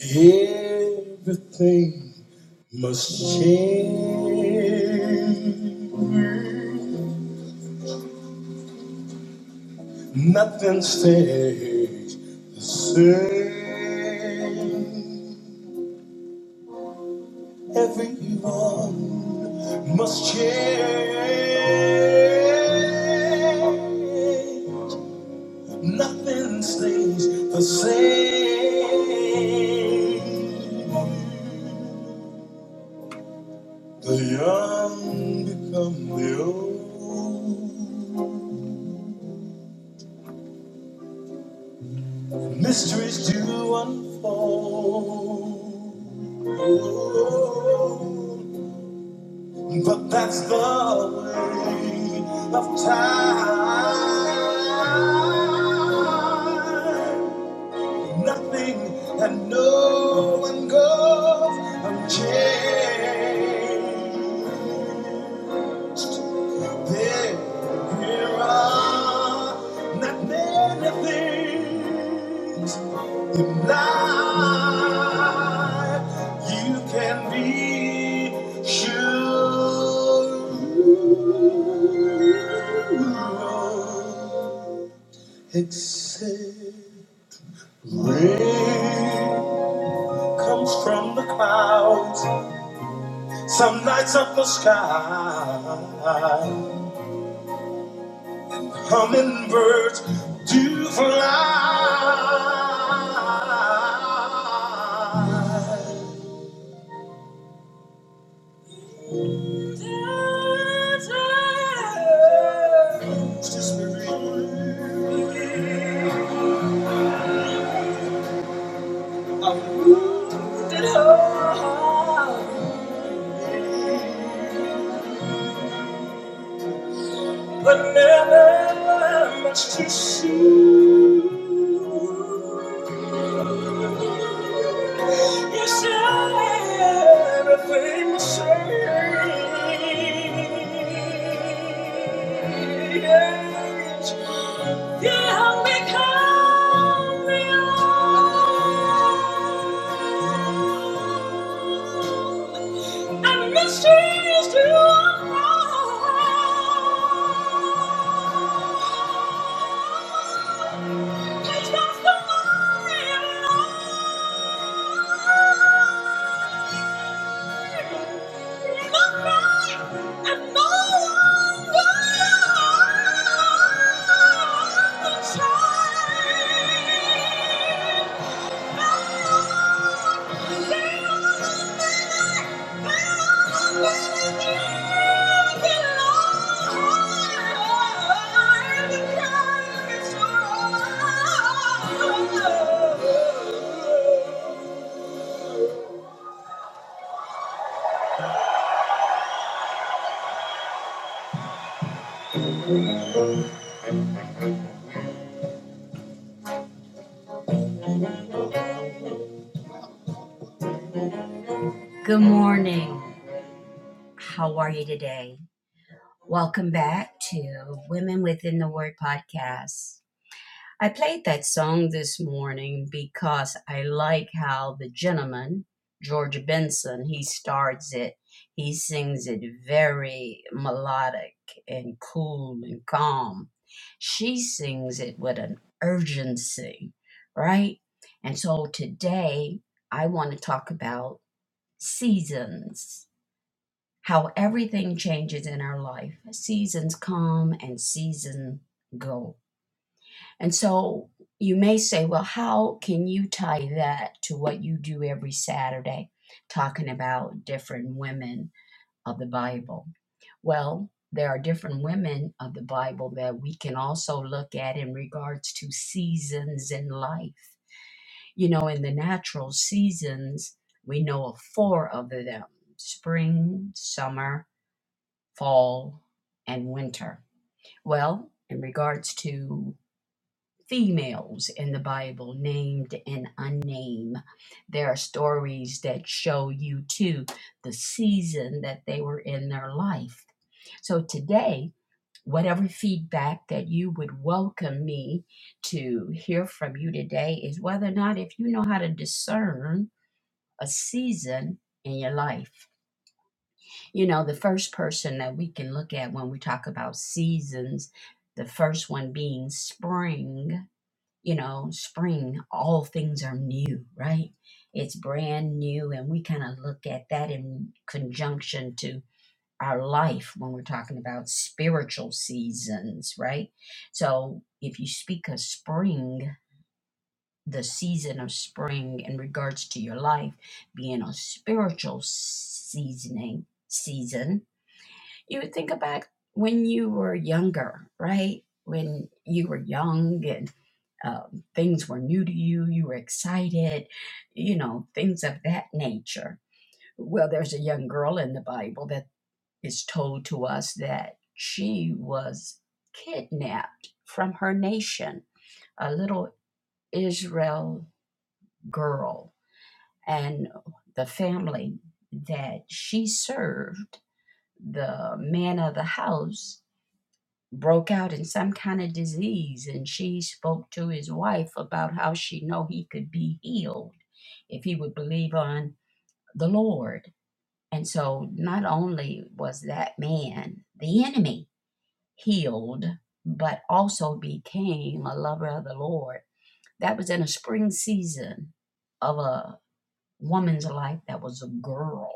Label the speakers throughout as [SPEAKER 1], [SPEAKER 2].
[SPEAKER 1] Everything must change. Nothing stays the same. Everyone must change. Nothing stays the same. The young become the old. Mysteries do unfold. Oh, But that's the way of time. Nothing and no one goes unchanged. There are not many things in life you can be sure except rain comes from the clouds, some nights of the sky. Hummingbirds do fly. Just believed it all, But never much too soon. You said everything the same. Yes. You have become real and mysteries to unfold. Please don't worry. Good morning. How are you today? Welcome back to Women Within the Word podcast. I played that song this morning because I like how the gentleman, George Benson, he starts it. He sings it very melodic and cool and calm. She sings it with an urgency, right? And so today I want to talk about seasons, how everything changes in our life. Seasons come and seasons go and so you may say, well, how can you tie that to what you do every Saturday, talking about different women of the Bible? Well, there are different women of the Bible that we can also look at in regards to seasons in life. You know, in the natural seasons, we know of four of them spring, summer, fall, and winter. Well, in regards to females in the Bible, named and unnamed. There are stories that show you too the season that they were in their life. So today, whatever feedback that you would welcome me to hear from you today is whether or not if you know how to discern a season in your life. You know, the first person that we can look at when we talk about seasons, the first one being spring you know, spring, all things are new, right? It's brand new. And we kind of look at that in conjunction to our life when we're talking about spiritual seasons, right? So if you speak of spring, the season of spring in regards to your life being a spiritual seasoning season, you would think about when you were younger, right? When you were young and um, things were new to you, you were excited, you know, things of that nature. Well, there's a young girl in the Bible that is told to us that she was kidnapped from her nation, a little Israel girl, and the family that she served, the man of the house. broke out in some kind of disease and she spoke to his wife about how she know he could be healed if he would believe on the lord and so not only was that man the enemy healed but also became a lover of the lord that was in a spring season of a woman's life that was a girl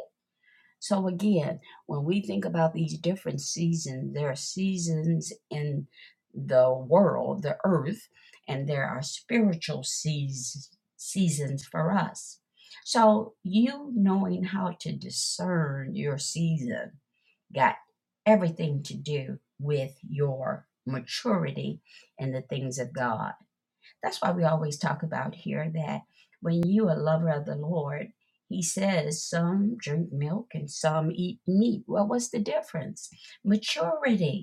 [SPEAKER 1] so again, when we think about these different seasons, there are seasons in the world, the earth, and there are spiritual seas- seasons for us. So you knowing how to discern your season got everything to do with your maturity and the things of God. That's why we always talk about here that when you a lover of the Lord, he says some drink milk and some eat meat. Well, what's the difference? Maturity.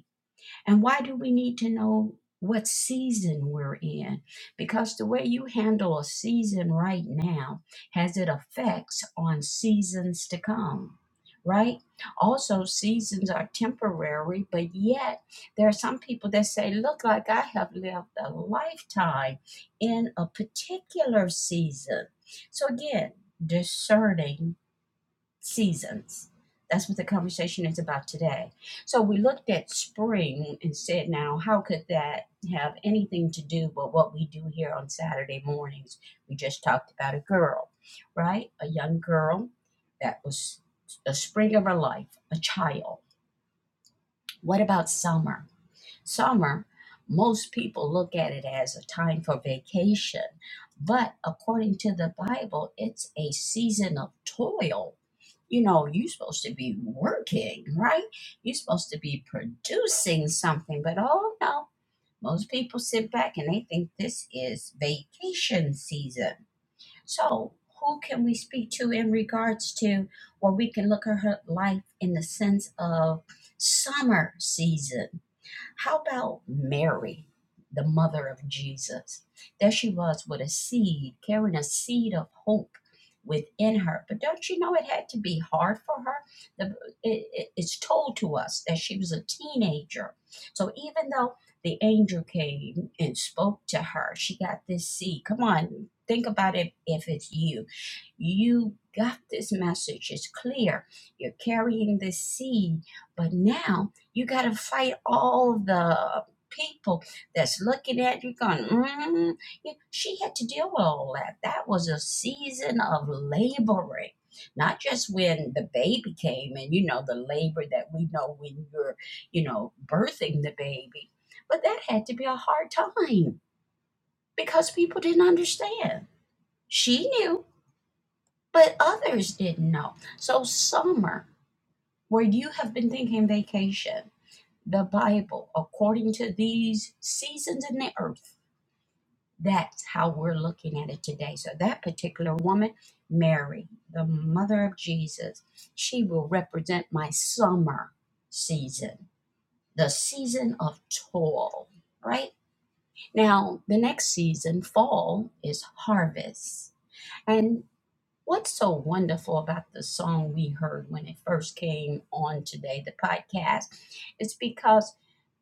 [SPEAKER 1] And why do we need to know what season we're in? Because the way you handle a season right now has it effects on seasons to come. Right? Also, seasons are temporary, but yet there are some people that say, Look, like I have lived a lifetime in a particular season. So, again, discerning seasons. That's what the conversation is about today. So we looked at spring and said, now, how could that have anything to do with what we do here on Saturday mornings? We just talked about a girl, right? A young girl that was a spring of her life, a child. What about summer? Summer, most people look at it as a time for vacation, but according to the Bible, it's a season of toil. You know, you're supposed to be working, right? You're supposed to be producing something, but oh no, most people sit back and they think this is vacation season. So, who can we speak to in regards to where we can look at her life in the sense of summer season? How about Mary, the mother of Jesus? There she was with a seed, carrying a seed of hope within her. But don't you know it had to be hard for her? The, it, it- it's told to us that she was a teenager. So even though the angel came and spoke to her, she got this seed. Come on, think about it if it's you. You got this message, it's clear. You're carrying this seed, but now you got to fight all the people that's looking at you going, mm You- she had to deal with all that. That was a season of laboring. Not just when the baby came and, you know, the labor that we know when you're, you know, birthing the baby, but that had to be a hard time because people didn't understand. She knew, but others didn't know. So, summer, where you have been thinking vacation, the Bible according to these seasons in the earth. That's how we're looking at it today. So, that particular woman, Mary, the mother of Jesus, she will represent my summer season, the season of toil, right? Now, the next season, fall, is harvest. and. What's so wonderful about the song we heard when it first came on today, the podcast? is because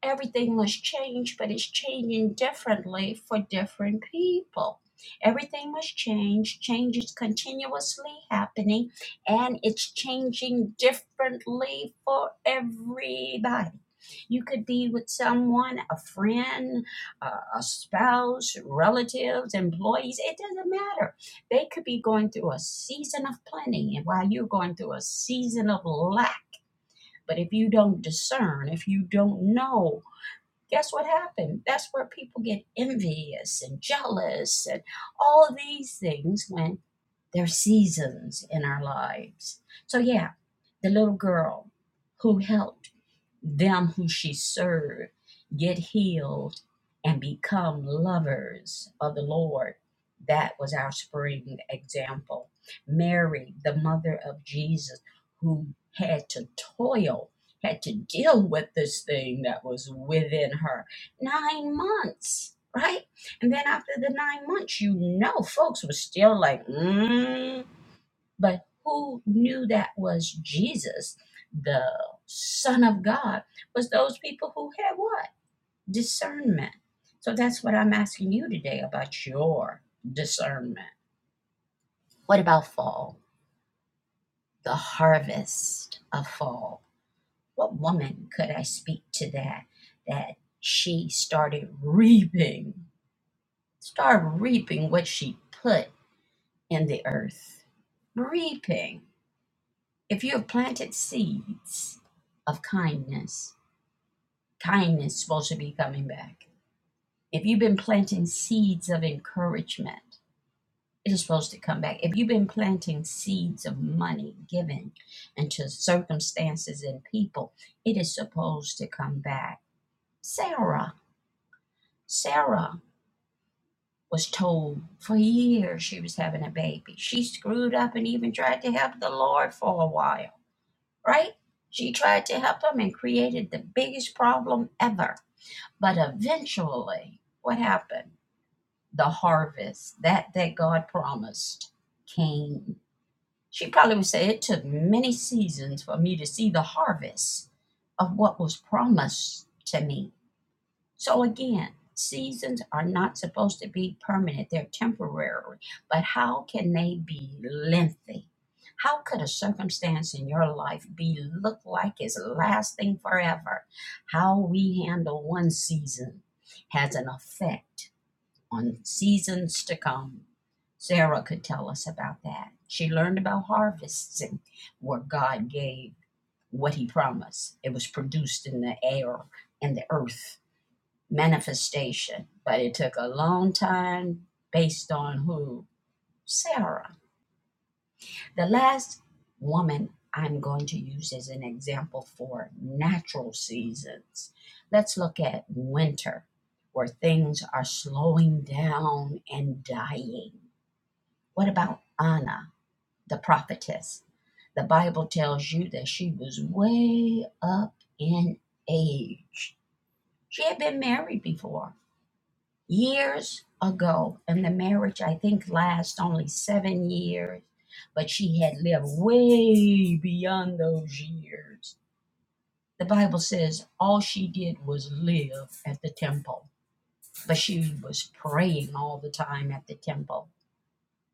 [SPEAKER 1] everything must change, but it's changing differently for different people. Everything must change, change is continuously happening, and it's changing differently for everybody. You could be with someone, a friend, a a spouse, relatives, employees, it doesn't matter they could be going through a season of plenty and while you're going through a season of lack. But if you don't discern, if you don't know, guess what happened? That's where people get envious and jealous and all of these things when there are seasons in our lives. So, yeah, the little girl who helped them who she served get healed and become lovers of the Lord. That was our spring example. Mary, the mother of Jesus, who had to toil, had to deal with this thing that was within her. Nine months, right? And then after the nine months, you know, folks were still like, mm. but who knew that was Jesus, the Son of God, was those people who had what? Discernment. So that's what I'm asking you today about your discernment. What about fall? The harvest of fall. What woman could I speak to that? That she started reaping, started reaping what she put in the earth reaping. If you have planted seeds of kindness, kindness is supposed to be coming back. If you've been planting seeds of encouragement, it is supposed to come back. If you've been planting seeds of money given into circumstances and people, it is supposed to come back. Sarah, Sarah was told for years she was having a baby. She screwed up and even tried to help the Lord for a while right? She tried to help him and created the biggest problem ever. But eventually, what happened? The harvest that that God promised came. She probably would say it took many seasons for me to see the harvest of what was promised to me so again, seasons are not supposed to be permanent, they're temporary. But how can they be lengthy? How could a circumstance in your life be look like it's lasting forever? How we handle one season has an effect on seasons to come. Sarah could tell us about that. She learned about harvesting where God gave what he promised. It was produced in the air and the earth manifestation, but it took a long time based on who? Sarah. The last woman I'm going to use as an example for natural seasons. Let's look at winter, where things are slowing down and dying. What about Anna, the prophetess? The Bible tells you that she was way up in age. She had been married before years ago, and the marriage I think lasts only seven years, but she had lived way beyond those years. The Bible says all she did was live at the temple, but she was praying all the time at the temple.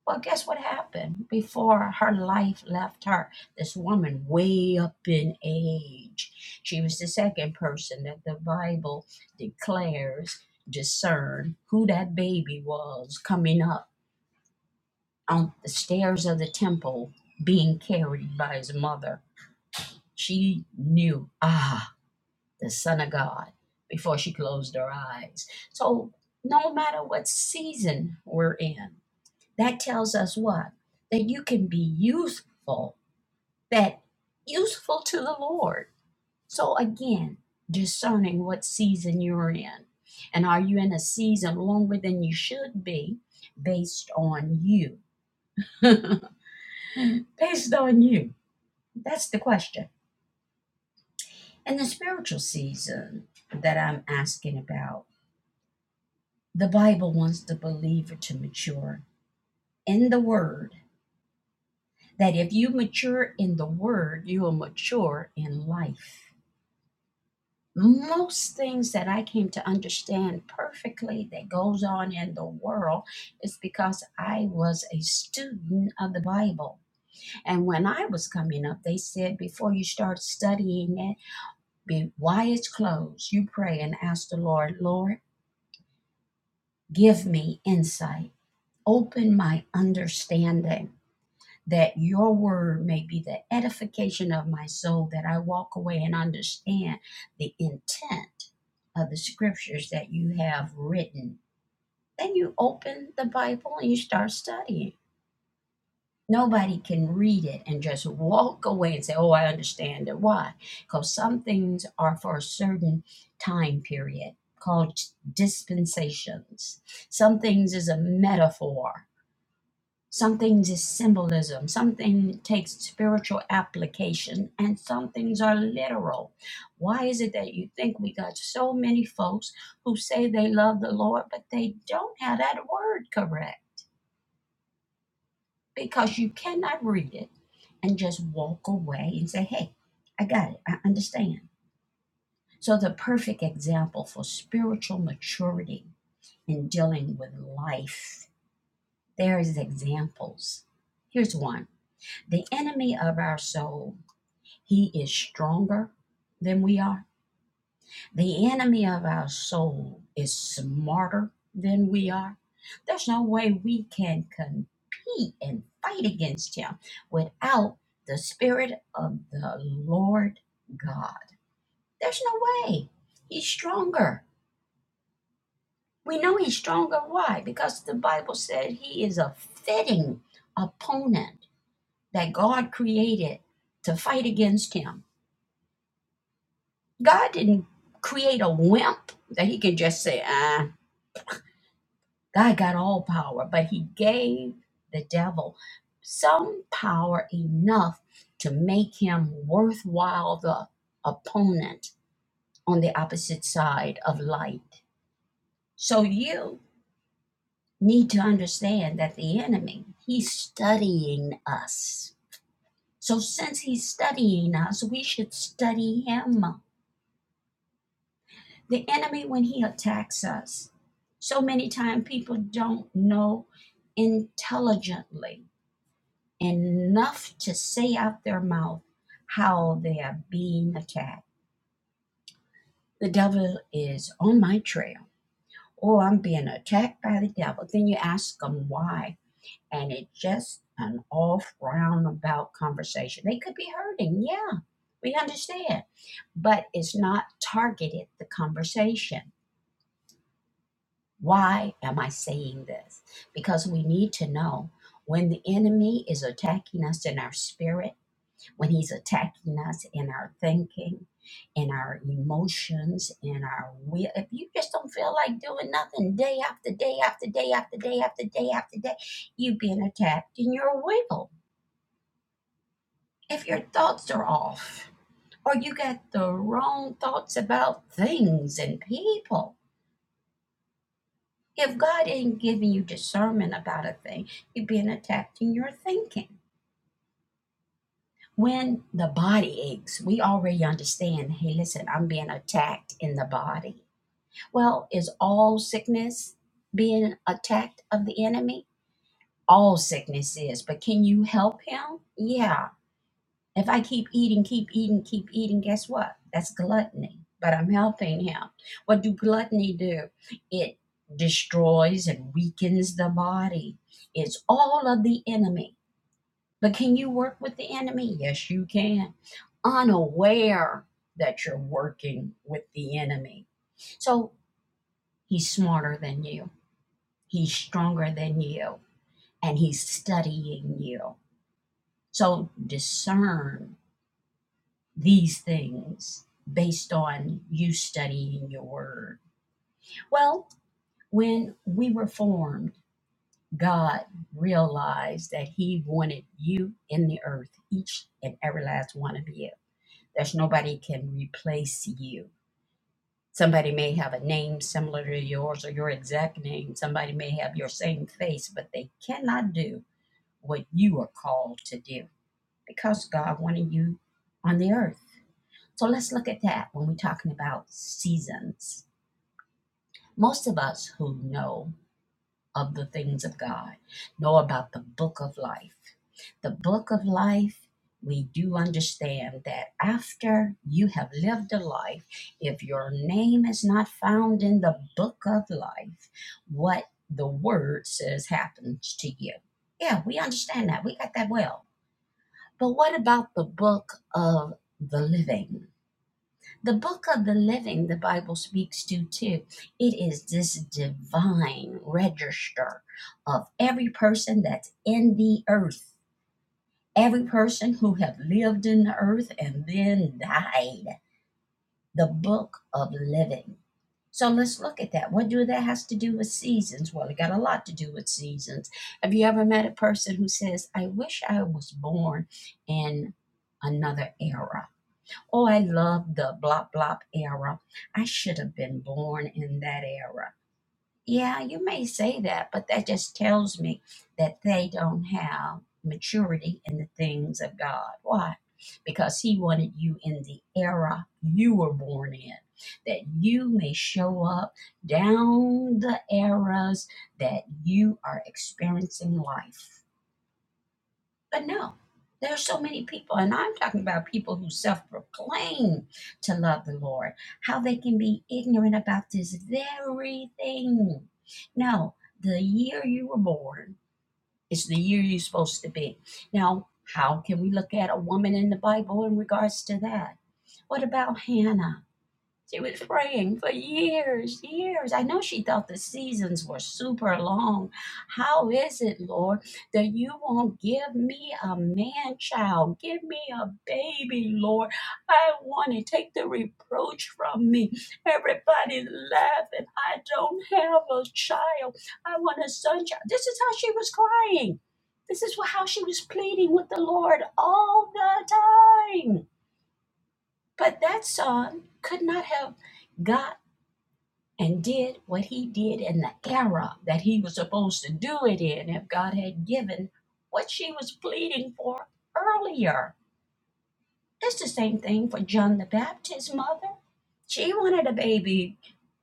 [SPEAKER 1] Well, guess what happened before her life left her? This woman, way up in age, she was the second person that the Bible declares discern who that baby was coming up on the stairs of the temple being carried by his mother. She knew, ah, the Son of God before she closed her eyes. So, no matter what season we're in, that tells us what? That you can be useful, that useful to the Lord. So again, discerning what season you're in. And are you in a season longer than you should be based on you? based on you? That's the question. And the spiritual season that I'm asking about, the Bible wants the believer to mature in the Word, that if you mature in the Word, you will mature in life. most things that I came to understand perfectly that goes on in the world is because I was a student of the Bible. And when I was coming up, they said before you start studying it, be why it's closed, you pray and ask the Lord, Lord, give me insight. Open my understanding. that your word may be the edification of my soul, that I walk away and understand the intent of the scriptures that you have written. Then you open the Bible and you start studying. Nobody can read it and just walk away and say, Oh, I understand it. Why? Because some things are for a certain time period called dispensations. Some things is a metaphor some things is symbolism, some things takes spiritual application, and some things are literal. Why is it that you think we got so many folks who say they love the Lord, but they don't have that word correct? Because you cannot read it and just walk away and say, hey, I got it, I understand. So, the perfect example for spiritual maturity in dealing with life, there is examples. Here's one The enemy of our soul, he is stronger than we are. The enemy of our soul is smarter than we are. There's no way we can compete and fight against him without the Spirit of the Lord God. There's no way. He's stronger. We know he's stronger. Why? Because the Bible said he is a fitting opponent that God created to fight against him. God didn't create a wimp that he can just say, ah, God got all power, but he gave the devil some power enough to make him worthwhile the opponent on the opposite side of light. So you need to understand that the enemy, he's studying us. So since he's studying us, we should study him. the enemy when he attacks us so many times people don't know intelligently enough to say out their mouth how they are being attacked the devil is on my trail oh i'm being attacked by the devil then you ask them why and it's just an off roundabout conversation they could be hurting yeah we understand but it's not targeted the conversation Why am I saying this? Because we need to know when the enemy is attacking us in our spirit, when he's attacking us in our thinking, in our emotions, in our will. If you just don't feel like doing nothing day after day after day after day after day after day, you've been attacked in your will. If your thoughts are off, or you got the wrong thoughts about things and people, If God ain't giving you discernment about a thing, you've been attacking your thinking. When the body aches, we already understand hey, listen, I'm being attacked in the body. Well, is all sickness being attacked of the enemy? All sickness is, but can you help him? Yeah, If I keep eating, keep eating, keep eating, guess what? That's gluttony. But I'm helping him. What do gluttony do? It destroys and weakens the body. It's all of the enemy. But can you work with the enemy? Yes, you can. Unaware that you're working with the enemy. So he's smarter than you, he's stronger than you, and he's studying you. So discern these things based on you studying your word. Well, when we were formed, God realized that He wanted you in the earth, each and every last one of you. There's nobody can replace you. Somebody may have a name similar to yours or your exact name. Somebody may have your same face, but they cannot do what you are called to do because God wanted you on the earth. So let's look at that when we're talking about seasons. Most of us who know of the things of God know about the book of life. The book of life, we do understand that after you have lived a life, if your name is not found in the book of life, what the word says happens to you. Yeah, we understand that. We got that well. But what about the book of the living? The book of the living, the Bible speaks to too. It is this divine register of every person that's in the earth, every person who have lived in the earth and then died. The book of living. So let's look at that. What do that has to do with seasons? Well, it got a lot to do with seasons. Have you ever met a person who says, "I wish I was born in another era"? Oh, I love the blop blop era. I should have been born in that era. Yeah, you may say that, but that just tells me that they don't have maturity in the things of God. Why? Because He wanted you in the era you were born in, that you may show up down the eras that you are experiencing life. But no, there are so many people, and I'm talking about people who self proclaim to love the Lord, how they can be ignorant about this very thing. No, the year you were born is the year you're supposed to be. Now, how can we look at a woman in the Bible in regards to that? What about Hannah? She was praying for years, years. I know she thought the seasons were super long. How is it, Lord, that you won't give me a man child? Give me a baby, Lord. I want to take the reproach from me. Everybody's laughing. I don't have a child. I want a son child. This is how she was crying. This is how she was pleading with the Lord all the time. But that son could not have got and did what he did in the era that he was supposed to do it in if God had given what she was pleading for earlier. It's the same thing for John the Baptist's mother. She wanted a baby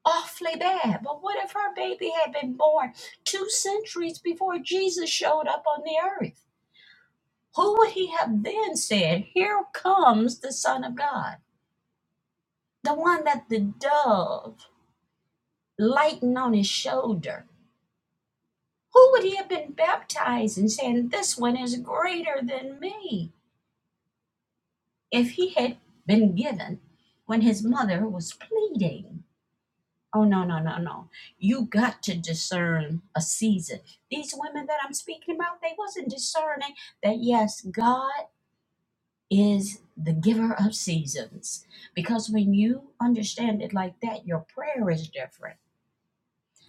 [SPEAKER 1] awfully bad, but what if her baby had been born two centuries before Jesus showed up on the earth? Who would he have then said, Here comes the Son of God, the one that the dove lightened on his shoulder? Who would he have been baptized and saying, This one is greater than me, if he had been given when his mother was pleading? Oh, no, no, no, no. You got to discern a season. These women that I'm speaking about, they wasn't discerning that, yes, God is the giver of seasons. Because when you understand it like that, your prayer is different.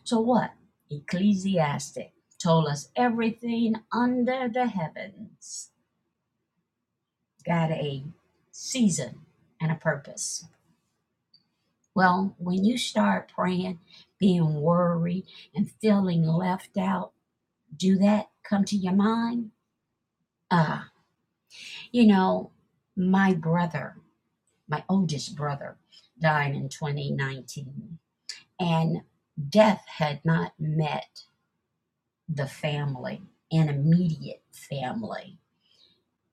[SPEAKER 1] So what? Ecclesiastic told us everything under the heavens got a season and a purpose. Well, when you start praying, being worried, and feeling left out, do that come to your mind? Uh, you know, my brother, my oldest brother, died in 2019, and death had not met the family, an immediate family.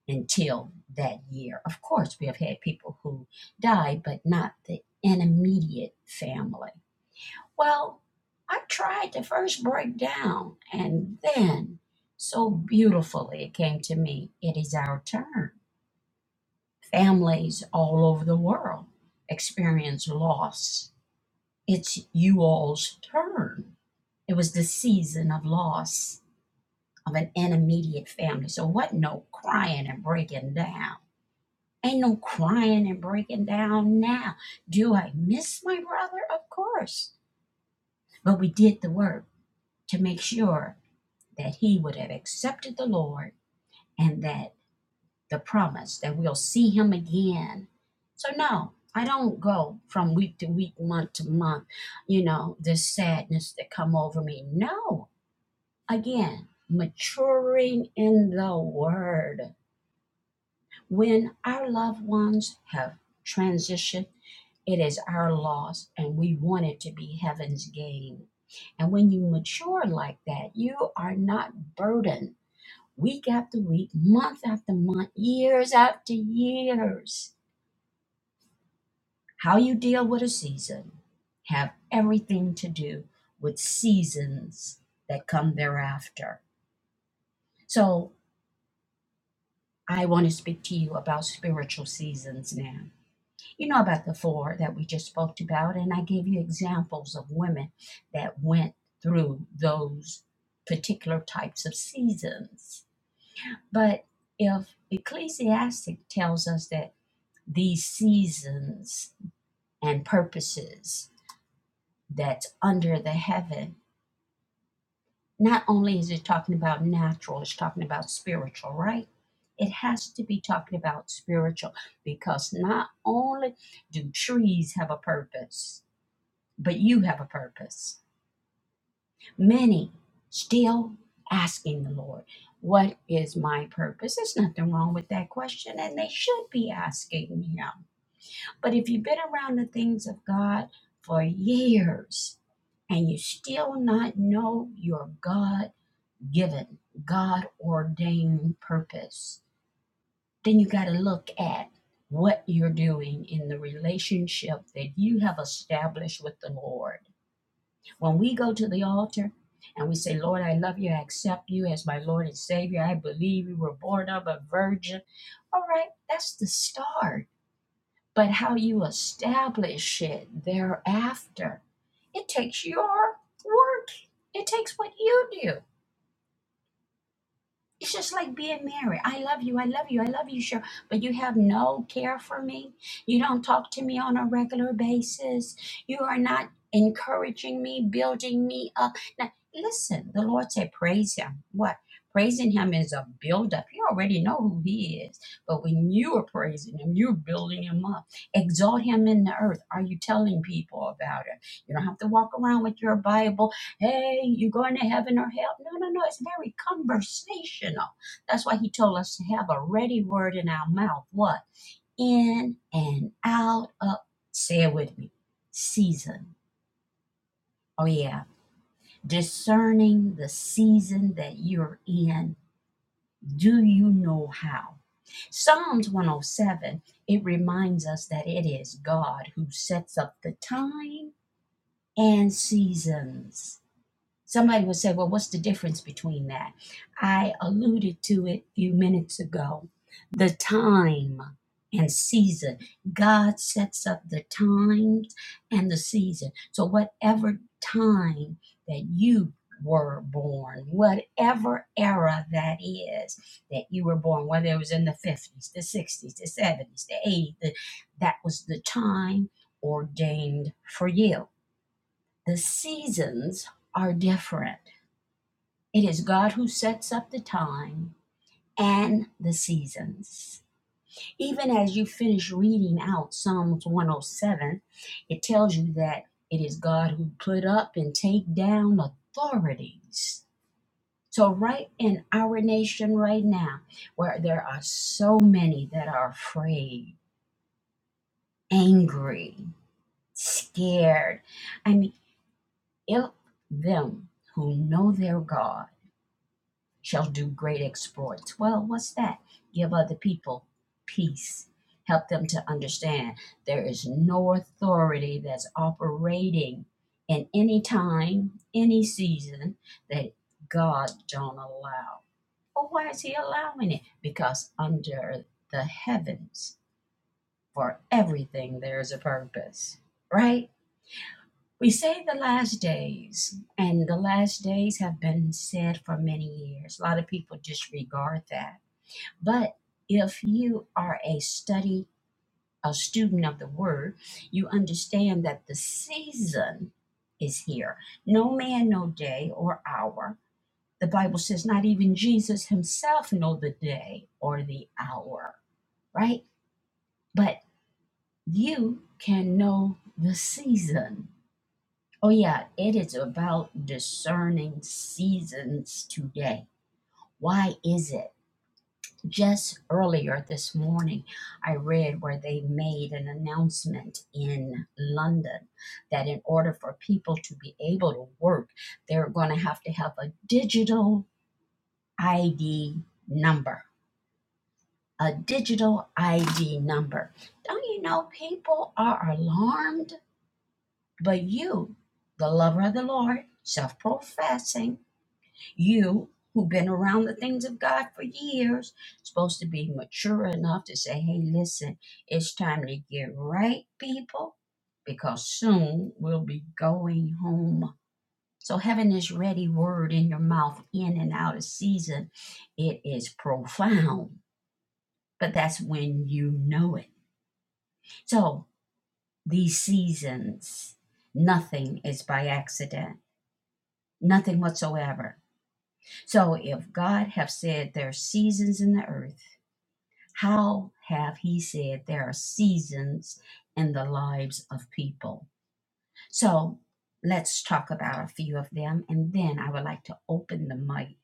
[SPEAKER 1] until that year. Of course, we have had people who died, but not the an immediate family. Well, I tried to first break down, and then so beautifully it came to me it is our turn. Families all over the world experience loss. It's you all's turn. It was the season of loss of an immediate family. So, what no crying and breaking down? Ain't no crying and breaking down now. Do I miss my brother? Of course. But we did the work to make sure that he would have accepted the Lord and that the promise that we'll see him again. So, no, I don't go from week to week, month to month, you know, this sadness that come over me. No, again, maturing in the word. When our loved ones have transitioned, it is our loss, and we want it to be heaven's gain. And when you mature like that, you are not burdened week after week, month after month, years after years. How you deal with a season have everything to do with seasons that come thereafter. So I want to speak to you about spiritual seasons now You know about the four that we just spoke about, and I gave you examples of women that went through those particular types of seasons. But if Ecclesiastic tells us that these seasons and purposes that's under the heaven, not only is it talking about natural, it's talking about spiritual, right? It has to be talking about spiritual because not only do trees have a purpose, but you have a purpose. Many still asking the Lord, What is my purpose? There's nothing wrong with that question, and they should be asking Him. But if you've been around the things of God for years and you still not know your God given, God ordained purpose, then you got to look at what you're doing in the relationship that you have established with the Lord When we go to the altar and we say, Lord, I love you, I accept you as my Lord and Savior, I believe you were born of a virgin. All right, that's the start. But how you establish it thereafter, it takes your work, it takes what you do. It's just like being married. I love you. I love you. I love you, sure. But you have no care for me. You don't talk to me on a regular basis. You are not encouraging me, building me up. Now, listen, the Lord said, praise Him. What? Praising Him is a build up. You already know who He is. But when you are praising Him, you're building Him up. Exalt Him in the earth. Are you telling people about Him? You don't have to walk around with your Bible hey, you going to heaven or hell? No, no, no. It's very conversational. That's why he told us to have a ready word in our mouth. What? In and out of, say it with me, season. Oh, yeah. Discerning the season that you're in. Do you know how? Psalms 107, it reminds us that it is God who sets up the time and seasons Somebody would say, well, what's the difference between that? I alluded to it a few minutes ago. The time and season. God sets up the times and the season. So, whatever time that you were born, whatever era that is that you were born, whether it was in the 50s, the 60s, the 70s, the 80s, the, that was the time ordained for you. The seasons are different it is God who sets up the time and the seasons. Even as you finish reading out Psalms 107, it tells you that it is God who put up and take down authorities. So, right in our nation right now, where there are so many that are afraid, angry, scared, I mean, if them who know their God, shall do great exploits. Well, what's that? Give other people peace. Help them to understand there is no authority that's operating in any time, any season that God don't allow. Well, why is He allowing it? Because under the heavens, for everything there is a purpose, right? We say the last days, and the last days have been said for many years. A lot of people disregard that. But if you are a study, a student of the word, you understand that the season is here. No man, no day or hour. The Bible says not even Jesus himself know the day or the hour, right? But you can know the season Oh, yeah, it is about discerning seasons today. Why is it? Just earlier this morning, I read where they made an announcement in London that in order for people to be able to work, they're going to have to have a digital ID number. A digital ID number. Don't you know people are alarmed? But you, the lover of the Lord, self professing, You, who've been around the things of God for years, supposed to be mature enough to say, hey, listen, it's time to get right, people, because soon we'll be going home. So, having this ready word in your mouth in and out of season, it is profound, but that's when you know it. So, these seasons, nothing is by accident, nothing whatsoever. So if God have said there are seasons in the earth, How have he said there are seasons in the lives of people? So let's talk about a few of them, and then I would like to open the mic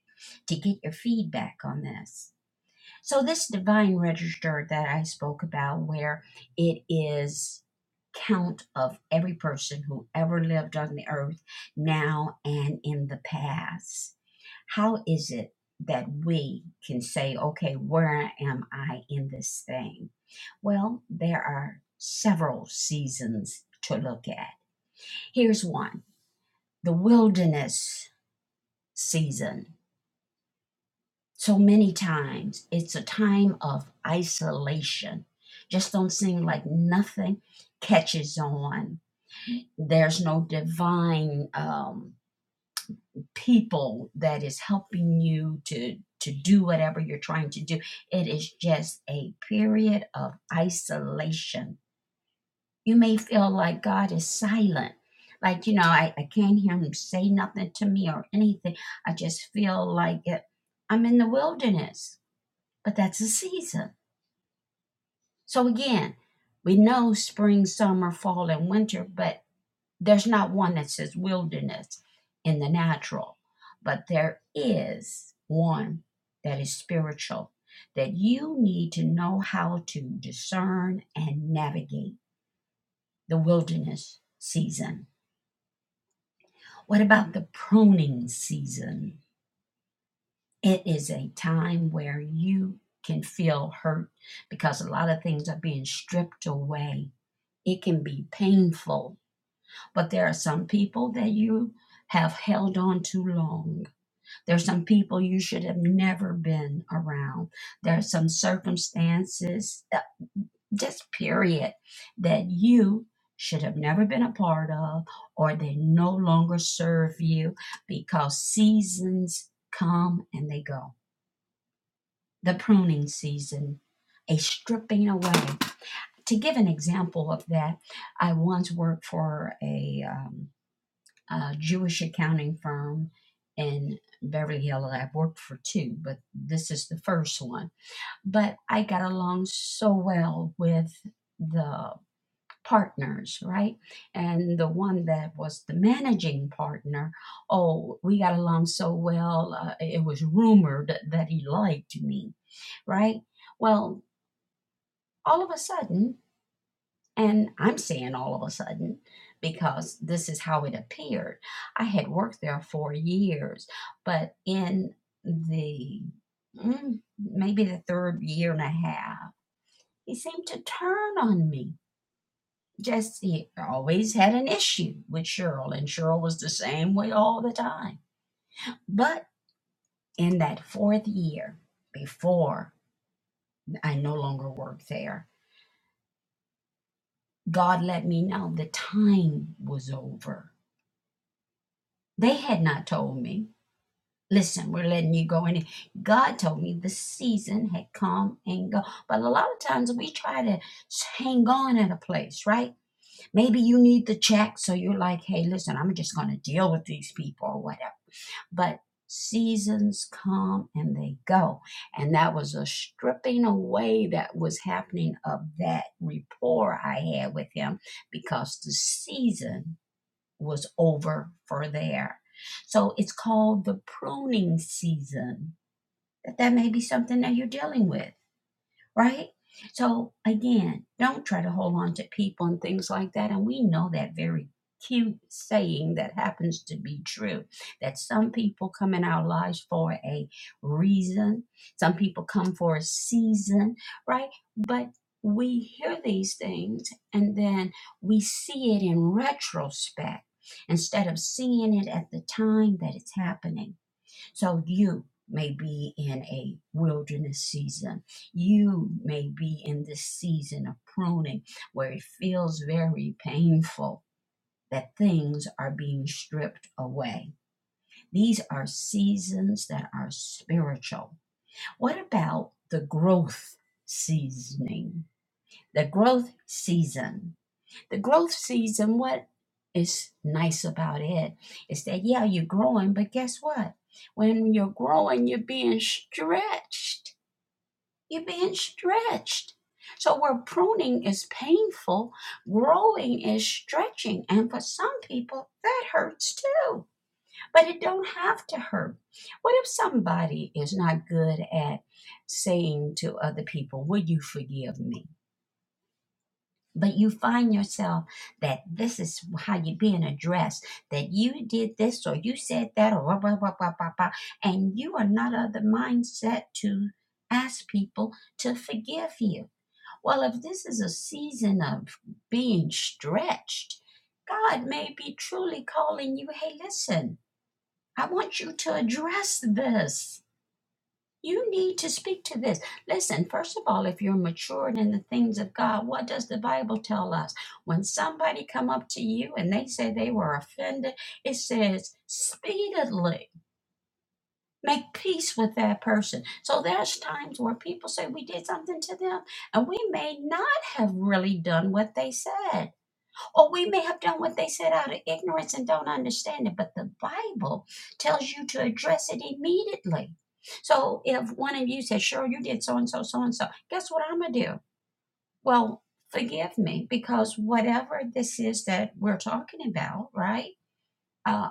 [SPEAKER 1] to get your feedback on this. So this divine register that I spoke about, where it is count of every person who ever lived on the earth now and in the past. How is it that we can say, okay, where am I in this thing? Well, there are several seasons to look at. Here's one the wilderness season. So many times it's a time of isolation. Just don't seem like nothing catches on. There's no divine um, people that is helping you to to do whatever you're trying to do. It is just a period of isolation. You may feel like God is silent. Like, you know, I, I can't hear him say nothing to me or anything. I just feel like it, I'm in the wilderness, but that's a season So again, we know spring, summer, fall, and winter, but there's not one that says wilderness in the natural. But there is one that is spiritual that you need to know how to discern and navigate the wilderness season. What about the pruning season? It is a time where you can feel hurt because a lot of things are being stripped away. It can be painful But there are some people that you have held on too long. There are some people you should have never been around. There are some circumstances, uh, just period, that you should have never been a part of, or they no longer serve you because seasons come and they go. The pruning season, a stripping away. To give an example of that, I once worked for a um, a Jewish accounting firm in Beverly Hills. I've worked for two, but this is the first one. But I got along so well with the partners, right? And the one that was the managing partner, oh, we got along so well. Uh, it was rumored that he liked me, right? Well, all of a sudden, and I'm seeing all of a sudden because this is how it appeared. I had worked there for years, but in the mm, maybe the third year and a half, he seemed to turn on me. Just he always had an issue with Cheryl, and Cheryl was the same way all the time. But in that fourth year, before I no longer worked there, God let me know the time was over. They had not told me Listen, we're letting you go in. God told me the season had come and go. But a lot of times we try to hang on at a place, right? Maybe you need the check, so you're like, hey, listen, I'm just going to deal with these people or whatever. But seasons come and they go. And that was a stripping away that was happening of that rapport I had with him because the season was over for there. So it's called the pruning season. That that may be something that you're dealing with right? So again, don't try to hold on to people and things like that. And we know that very cute saying that happens to be true that some people come in our lives for a reason, some people come for a season, right? But we hear these things and then we see it in retrospect instead of seeing it at the time that it's happening. So you may be in a wilderness season. You may be in this season of pruning where it feels very painful that things are being stripped away. These are seasons that are spiritual. What about the growth seasoning? The growth season the growth season, what is nice about it is that, yeah, you're growing, but guess what? When you're growing, you're being stretched. You're being stretched. So, where pruning is painful, growing is stretching. And for some people, that hurts too. But it don't have to hurt. What if somebody is not good at saying to other people, Will you forgive me? but you find yourself that this is how you're being addressed that you did this or you said that or blah, blah, blah, blah, blah, blah, and you are not of the mindset to ask people to forgive you well if this is a season of being stretched god may be truly calling you hey listen i want you to address this you need to speak to this. Listen, first of all, if you're matured in the things of God, what does the Bible tell us? When somebody come up to you and they say they were offended, it says speedily make peace with that person. So there's times where people say we did something to them and we may not have really done what they said. Or we may have done what they said out of ignorance and don't understand it, but the Bible tells you to address it immediately. So if one of you says, Sure, you did so and so, so and so, guess what I'm going to do? Well, forgive me because whatever this is that we're talking about, right? Uh,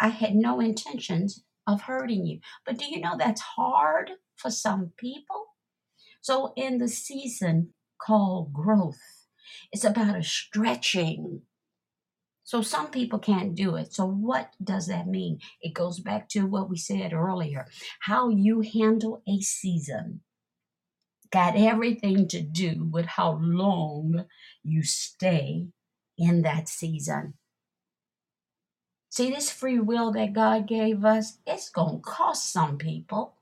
[SPEAKER 1] I had no intentions of hurting you. But do you know that's hard for some people? So in the season called growth, it's about a stretching so some people can't do it. So what does that mean? It goes back to what we said earlier. How you handle a season got everything to do with how long you stay in that season. See, this free will that God gave us, it's going to cost some people.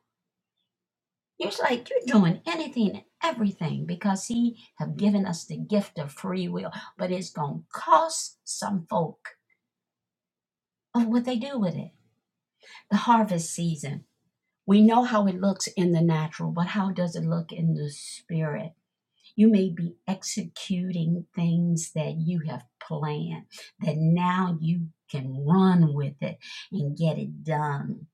[SPEAKER 1] It's like you're doing anything and everything because He have given us the gift of free will, but it's going to cost some folk of what they do with it. The harvest season. We know how it looks in the natural, but how does it look in the spirit? You may be executing things that you have planned, that now you can run with it and get it done.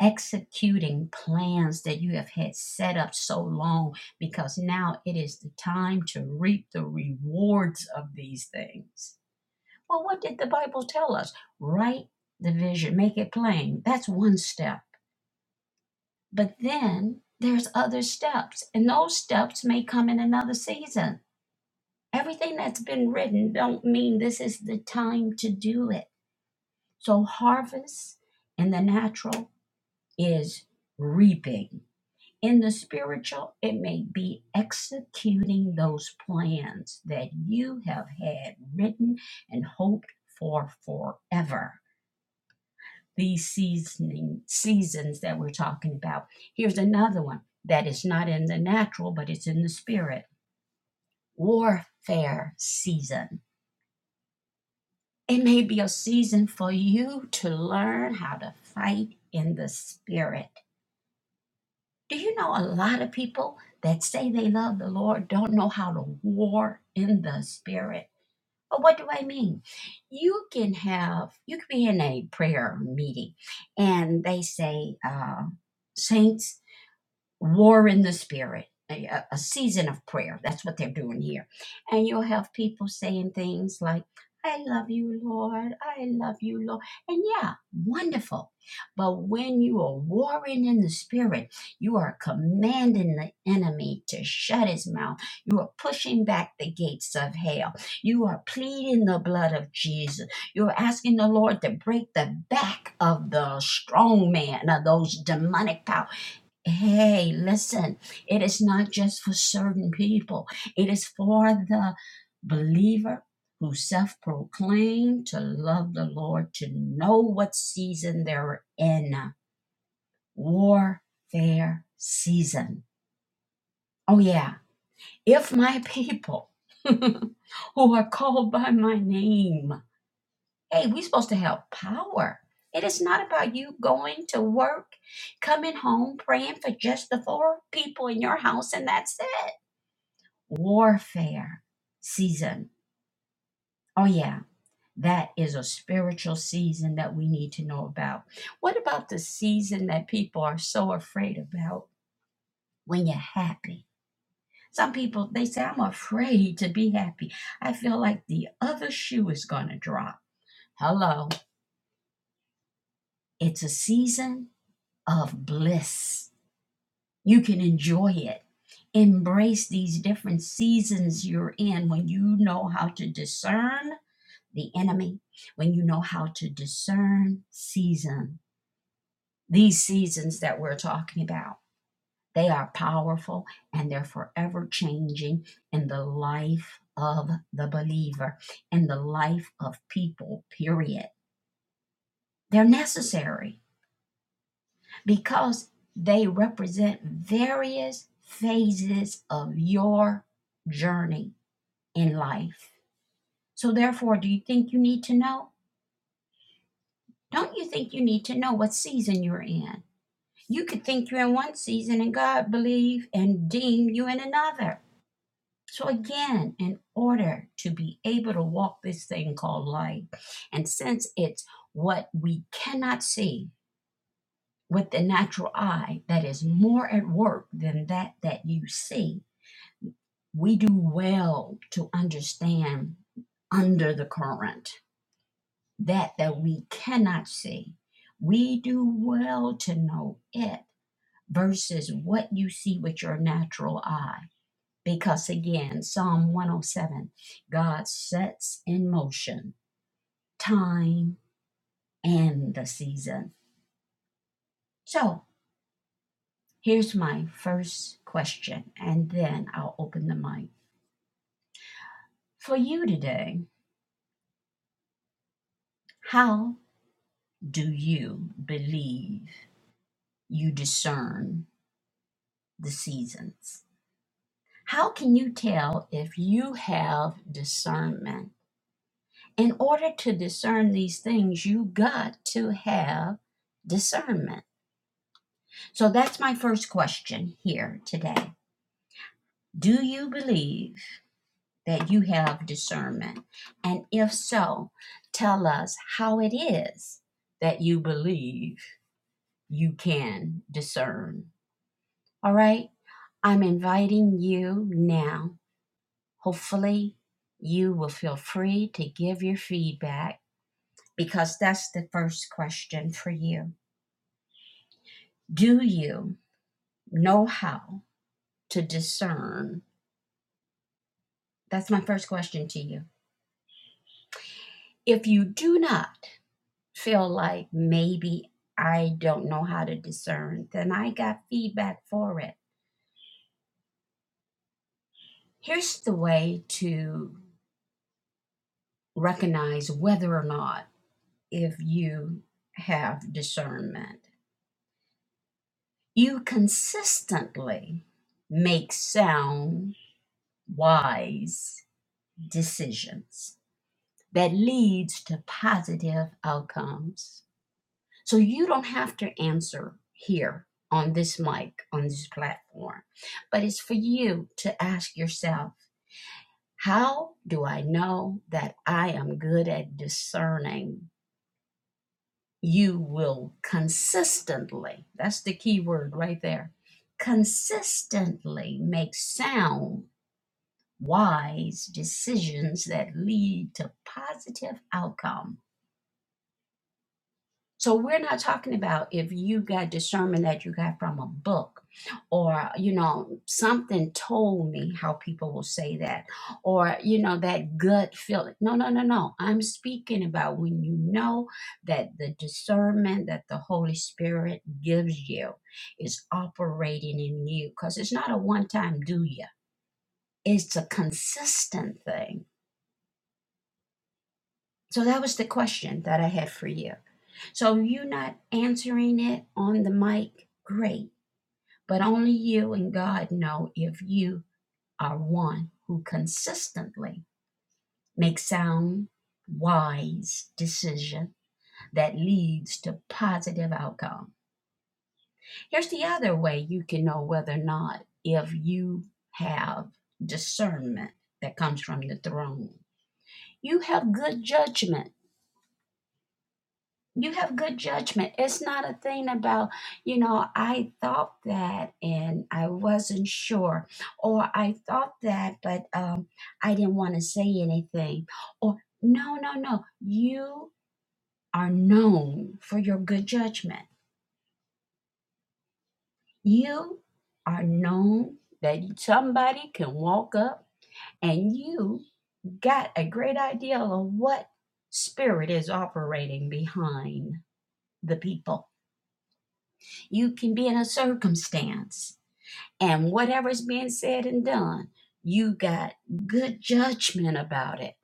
[SPEAKER 1] Executing plans that you have had set up so long because now it is the time to reap the rewards of these things. Well, what did the Bible tell us? Write the vision, make it plain. That's one step but then there's other steps, and those steps may come in another season. Everything that's been written don't mean this is the time to do it. So harvest in the natural is reaping. In the spiritual, it may be executing those plans that you have had written and hoped for forever. these seasoning seasons that we're talking about. Here's another one that is not in the natural, but it's in the spirit. Warfare season. It may be a season for you to learn how to fight in the spirit. Do you know a lot of people that say they love the Lord don't know how to war in the spirit? But what do I mean? You can have, you can be in a prayer meeting and they say, uh, Saints, war in the spirit, a, a- season of prayer. That's what they're doing here. And you'll have people saying things like, I love you, Lord. I love you, Lord. And yeah, wonderful. But when you are warring in the spirit, you are commanding the enemy to shut his mouth. You are pushing back the gates of hell. You are pleading the blood of Jesus. You're asking the Lord to break the back of the strong man, of those demonic powers Hey, listen, it is not just for certain people, it is for the believer who self proclaim to love the Lord, to know what season they're in. Warfare season. Oh, yeah. If my people who are called by my name. Hey, we're supposed to have power. It is not about you going to work, coming home, praying for just the four people in your house, and that's it. Warfare season. Oh, yeah, that is a spiritual season that we need to know about. What about the season that people are so afraid about when you're happy? Some people, they say, I'm afraid to be happy. I feel like the other shoe is going to drop. Hello. It's a season of bliss. You can enjoy it. Embrace these different seasons you're in when you know how to discern the enemy, when you know how to discern season. These seasons that we're talking about, they are powerful and they're forever changing in the life of the believer, in the life of people, period. They're necessary. because they represent various phases of your journey in life. So, therefore, do you think you need to know? Don't you think you need to know what season you're in? You could think you're in one season and God believe and deem you in another. So, again, in order to be able to walk this thing called life, and since it's what we cannot see with the natural eye that is more at work than that that you see, we do well to understand under the current that that we cannot see we do well to know it versus what you see with your natural eye because again psalm 107 god sets in motion time and the season so here's my first question and then i'll open the mic for you today how do you believe you discern the seasons. How can you tell if you have discernment? In order to discern these things, you got to have discernment. So that's my first question here today. Do you believe that you have discernment? And if so, tell us how it is that you believe you can discern. All right? I'm inviting you now Hopefully, you will feel free to give your feedback because that's the first question for you. Do you know how to discern? That's my first question to you. If you do not feel like maybe I don't know how to discern, then I got feedback for it. Here's the way to recognize whether or not if you have discernment You consistently make sound, wise decisions that leads to positive outcomes. So you don't have to answer here on this mic, on this platform, but it's for you to ask yourself, how do I know that I am good at discerning you will consistently, that's the key word right there, consistently make sound, wise decisions that lead to positive outcome. So we're not talking about if you got discernment that you got from a book or you know something told me how people will say that or you know that gut feeling. No, no, no, no. I'm speaking about when you know that the discernment that the Holy Spirit gives you is operating in you cuz it's not a one-time do you. It's a consistent thing. So that was the question that I had for you. So you not answering it on the mic, great. But only you and God know if you are one who consistently makes sound, wise decision that leads to positive outcome. Here's the other way you can know whether or not if you have discernment that comes from the throne. You have good judgment you have good judgment. It's not a thing about, you know, I thought that and I wasn't sure, or I thought that, but um, I didn't want to say anything. Or, no, no, no. You are known for your good judgment. You are known that somebody can walk up and you got a great idea of what spirit is operating behind the people You can be in a circumstance, and whatever's being said and done, you got good judgment about it.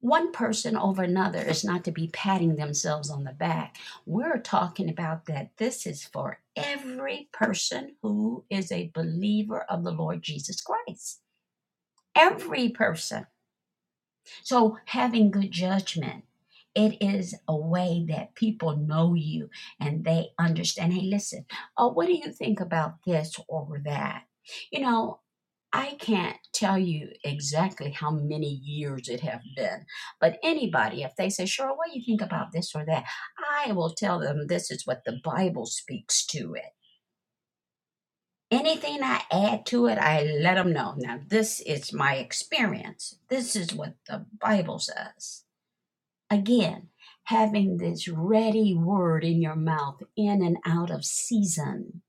[SPEAKER 1] One person over another is not to be patting themselves on the back. We're talking about that this is for every person who is a believer of the Lord Jesus Christ. Every person. So, having good judgment, it is a way that people know you and they understand. Hey, listen, oh, what do you think about this or that? You know, I can't tell you exactly how many years it have been, but anybody, if they say, "Sure, what do you think about this or that?" I will tell them this is what the Bible speaks to it. Anything I add to it, I let them know. Now, this is my experience. This is what the Bible says Again, having this ready word in your mouth, in and out of season,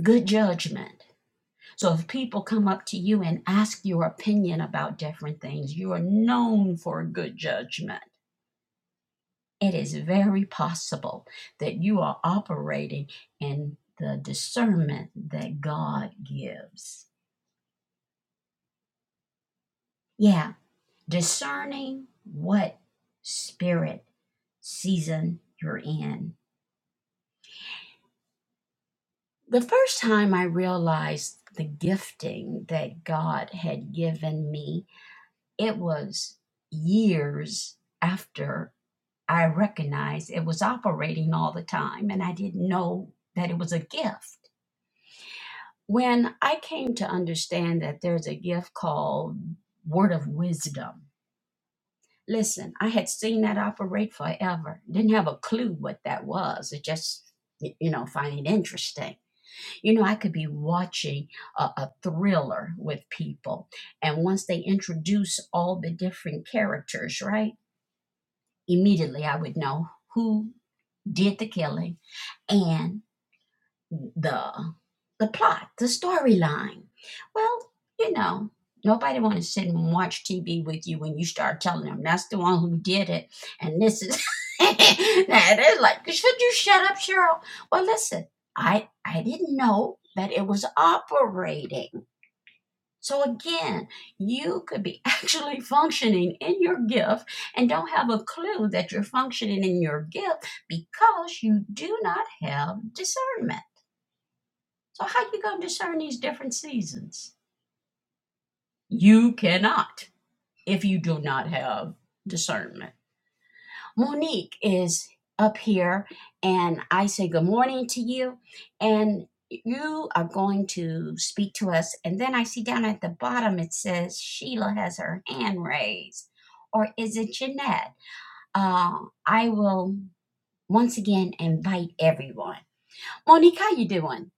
[SPEAKER 1] good judgment. So if people come up to you and ask your opinion about different things, you are known for good judgment. It is very possible that you are operating in the discernment that God gives. Yeah, discerning what spirit season you're in the first time I realized the gifting that God had given me, it was years after I recognized it was operating all the time and I didn't know that it was a gift. When I came to understand that there's a gift called Word of Wisdom, listen, I had seen that operate forever, didn't have a clue what that was. It just, you know, find it interesting. You know, I could be watching a, a thriller with people, and once they introduce all the different characters, right? Immediately I would know who did the killing and the the plot, the storyline. Well, you know, nobody want to sit and watch TV with you when you start telling them that's the one who did it, and this is. and they're like, should you shut up, Cheryl? Well, listen, I I didn't know that it was operating. So again, you could be actually functioning in your gift and don't have a clue that you're functioning in your gift because you do not have discernment. So how are you gonna discern these different seasons? You cannot if you do not have discernment. Monique is up here and I say good morning to you and you are going to speak to us and then I see down at the bottom it says Sheila has her hand raised or is it Jeanette? Uh, I will once again invite everyone. Monique, how you doing?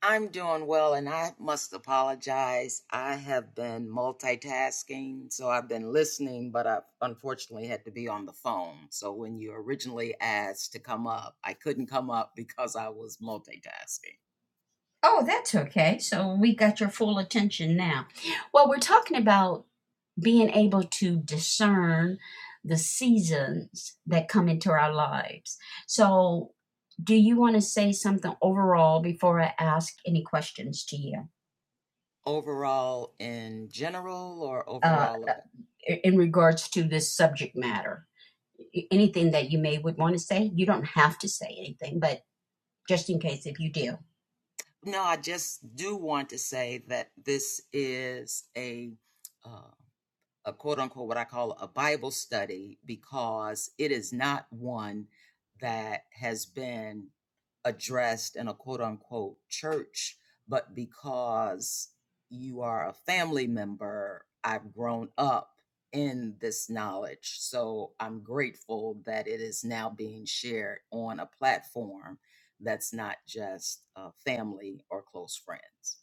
[SPEAKER 2] I'm doing well, and I must apologize. I have been multitasking, so I've been listening, but I unfortunately had to be on the phone. So when you originally asked to come up, I couldn't come up because I was multitasking.
[SPEAKER 1] Oh, that's okay. So we got your full attention now. Well, we're talking about being able to discern the seasons that come into our lives. So, do you want to say something overall before I ask any questions to you
[SPEAKER 2] Overall, in general, or
[SPEAKER 1] uh,
[SPEAKER 2] overall, ab-
[SPEAKER 1] in regards to this subject matter? anything that you may would want to say. You don't have to say anything, but just in case if you do.
[SPEAKER 2] no, I just do want to say that this is a uh, a quote unquote what I call a Bible study because it is not one that has been addressed in a quote unquote church, but because you are a family member, I've grown up in this knowledge. So I'm grateful that it is now being shared on a platform that's not just uh, family or close friends.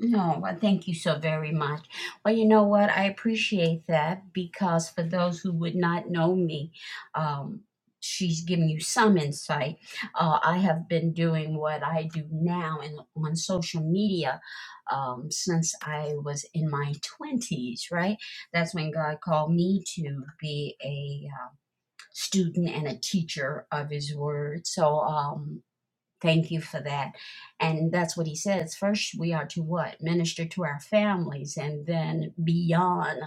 [SPEAKER 1] No, well, thank you so very much. Well, you know what? I appreciate that because for those who would not know me, um, she's giving you some insight. Uh, I have been doing what I do now in, on social media um, since I was in my 20s, right? That's when God called me to be a. uh, student and a teacher of his word. So um thank you for that. And that's what he says. First we are to what? Minister to our families and then beyond.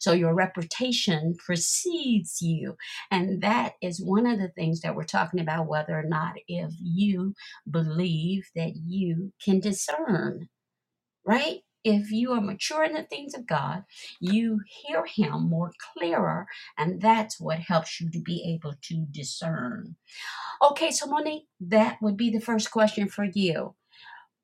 [SPEAKER 1] So your reputation precedes you. And that is one of the things that we're talking about whether or not if you believe that you can discern right? If you are mature in the things of God, you hear Him more clearer, and that's what helps you to be able to discern. Okay, so Monique, that would be the first question for you.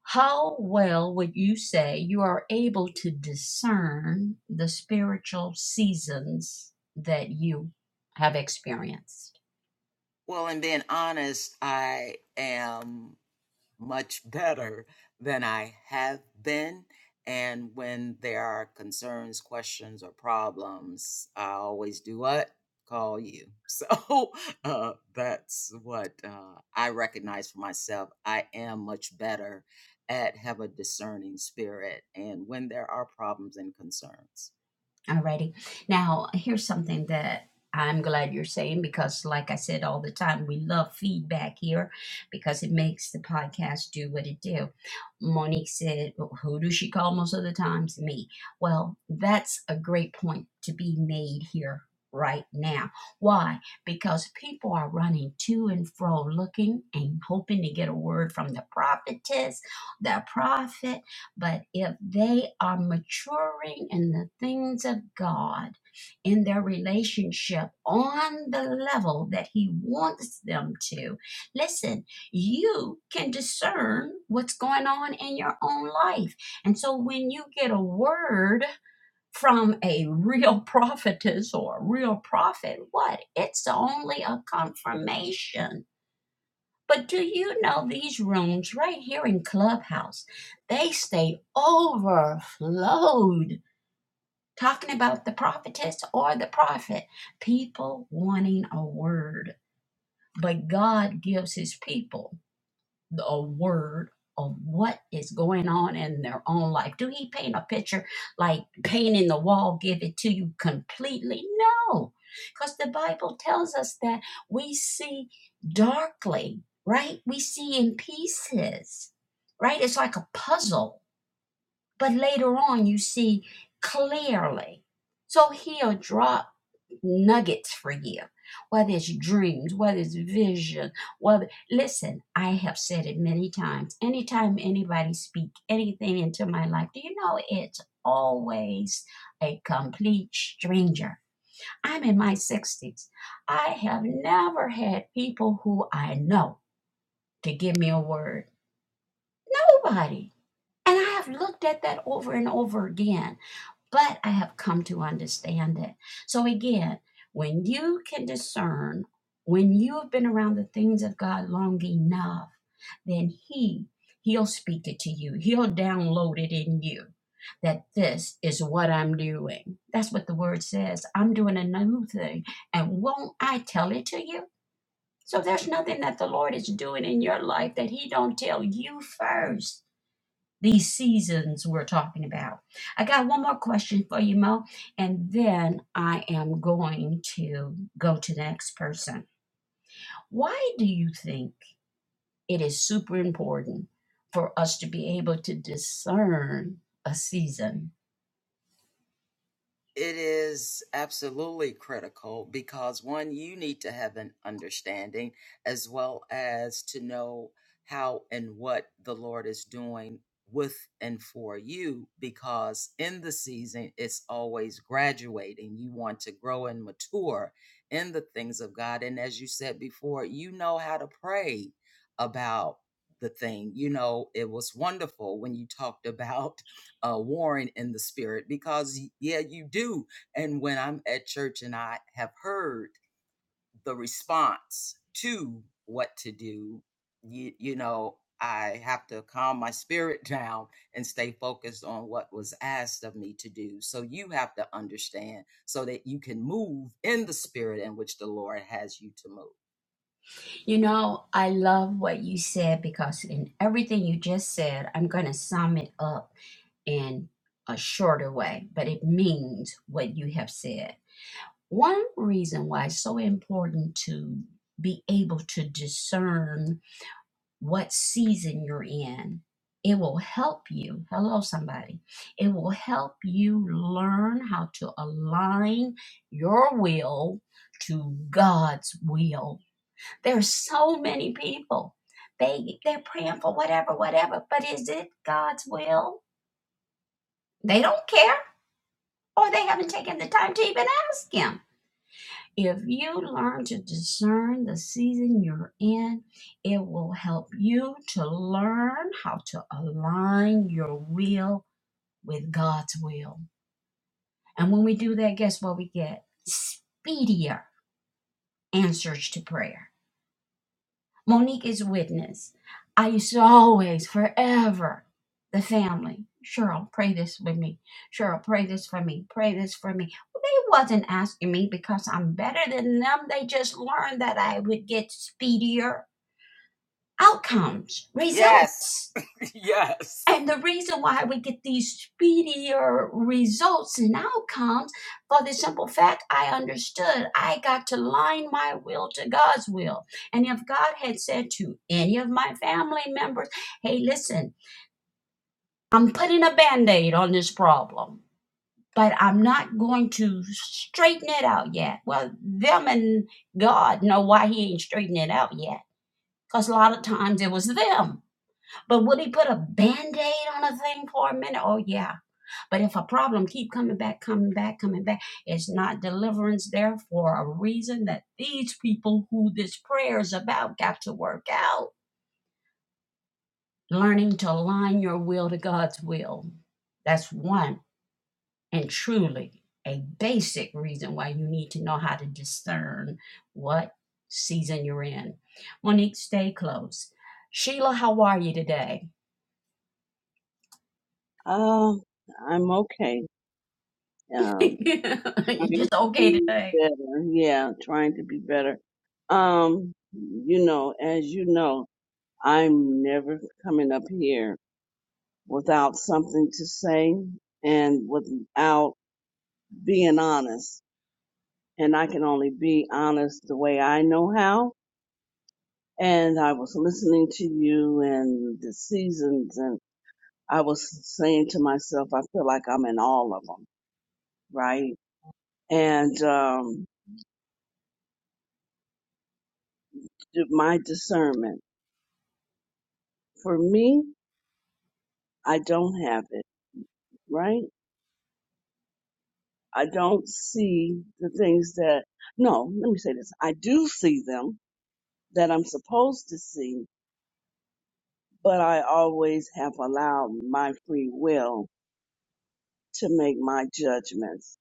[SPEAKER 1] How well would you say you are able to discern the spiritual seasons that you have experienced?
[SPEAKER 2] Well, and being honest, I am much better than I have been. And when there are concerns, questions, or problems, I always do what? Call you. So uh, that's what uh, I recognize for myself. I am much better at have a discerning spirit and when there are problems and concerns.
[SPEAKER 1] Alrighty. Now, here's something that I'm glad you're saying because, like I said all the time, we love feedback here because it makes the podcast do what it do. Monique said, "Well, "Who does she call most of the times? Me." Well, that's a great point to be made here right now. Why? Because people are running to and fro, looking and hoping to get a word from the prophetess, the prophet but if they are maturing in the things of God, in their relationship on the level that He wants them to, listen, you can discern what's going on in your own life. And so when you get a word, from a real prophetess or a real prophet, what? It's only a confirmation but do you know these rooms right here in Clubhouse? They stay overflowed talking about the prophetess or the prophet, people wanting a word. But God gives his people the word of what is going on in their own life. Do he paint a picture like painting the wall, give it to you completely? No, because the Bible tells us that we see darkly, right? We see in pieces, right? It's like a puzzle but later on you see clearly. So he'll drop nuggets for you, whether it's dreams, whether it's vision, whether listen, I have said it many times. Anytime anybody speak anything into my life, do you know it's always a complete stranger. I'm in my 60s. I have never had people who I know to give me a word. Nobody. And I have looked at that over and over again but I have come to understand it. So again, when you can discern, when you have been around the things of God long enough, then He He'll speak it to you. He'll download it in you that this is what I'm doing. That's what the word says. I'm doing a new thing, and won't I tell it to you? So there's nothing that the Lord is doing in your life that He don't tell you first these seasons we're talking about. I got one more question for you, Mo, and then I am going to go to the next person. Why do you think it is super important for us to be able to discern a season?
[SPEAKER 2] It is absolutely critical because one, you need to have an understanding as well as to know how and what the Lord is doing with and for you because in the season it's always graduating. You want to grow and mature in the things of God. And as you said before, you know how to pray about the thing. You know, it was wonderful when you talked about uh, warring in the spirit because yeah you do and when i'm at church and i have heard the response to what to do you, you know i have to calm my spirit down and stay focused on what was asked of me to do so you have to understand so that you can move in the spirit in which the lord has you to move
[SPEAKER 1] You know, I love what you said because in everything you just said, I'm going to sum it up in a shorter way, but it means what you have said. One reason why it's so important to be able to discern what season you're in, it will help you. Hello, somebody. It will help you learn how to align your will to God's will. There's so many people. They they're praying for whatever, whatever, but is it God's will? They don't care, or they haven't taken the time to even ask Him. If you learn to discern the season you're in, it will help you to learn how to align your will with God's will. And when we do that, guess what we get? Speedier answers to prayer. Monique is witness. I used to always, forever, the family. Cheryl, pray this with me. Cheryl, pray this for me. Pray this for me. Well, They wasn't asking me because I'm better than them. They just learned that I would get speedier outcomes,
[SPEAKER 2] yes
[SPEAKER 1] results.
[SPEAKER 2] yes
[SPEAKER 1] And the reason why we get these speedier results and outcomes, for the simple fact I understood, I got to line my will to God's will. And if God had said to any of my family members, hey, listen, I'm putting a band aid on this problem, but I'm not going to straighten it out yet. Well, them and God know why He ain't straightening it out yet. Because a lot of times it was them. But would He put a band aid on a thing for a minute? Oh, yeah but if a problem keep coming back, coming back, coming back, it's not deliverance there for a reason that these people who this prayer is about got to work out. Learning to align your will to God's will. That's one and truly a basic reason why you need to know how to discern what season you're in. Monique, stay close. Sheila, how are you today?
[SPEAKER 3] Um, I'm okay. Um,
[SPEAKER 1] you
[SPEAKER 3] trying
[SPEAKER 1] just
[SPEAKER 3] to
[SPEAKER 1] okay
[SPEAKER 3] be
[SPEAKER 1] today?
[SPEAKER 3] better. Yeah, trying to be better. Um, you know, as you know, I'm never coming up here without something to say and without being honest. And I can only be honest the way I know how. And I was listening to you and the seasons and I was saying to myself, I feel like I'm in all of them, right? And, um. d- my discernment. For me, I don't have it, right? I don't see the things that, no, let me say this. I do see them that I'm supposed to see, but I always have allowed my free will to make my judgments.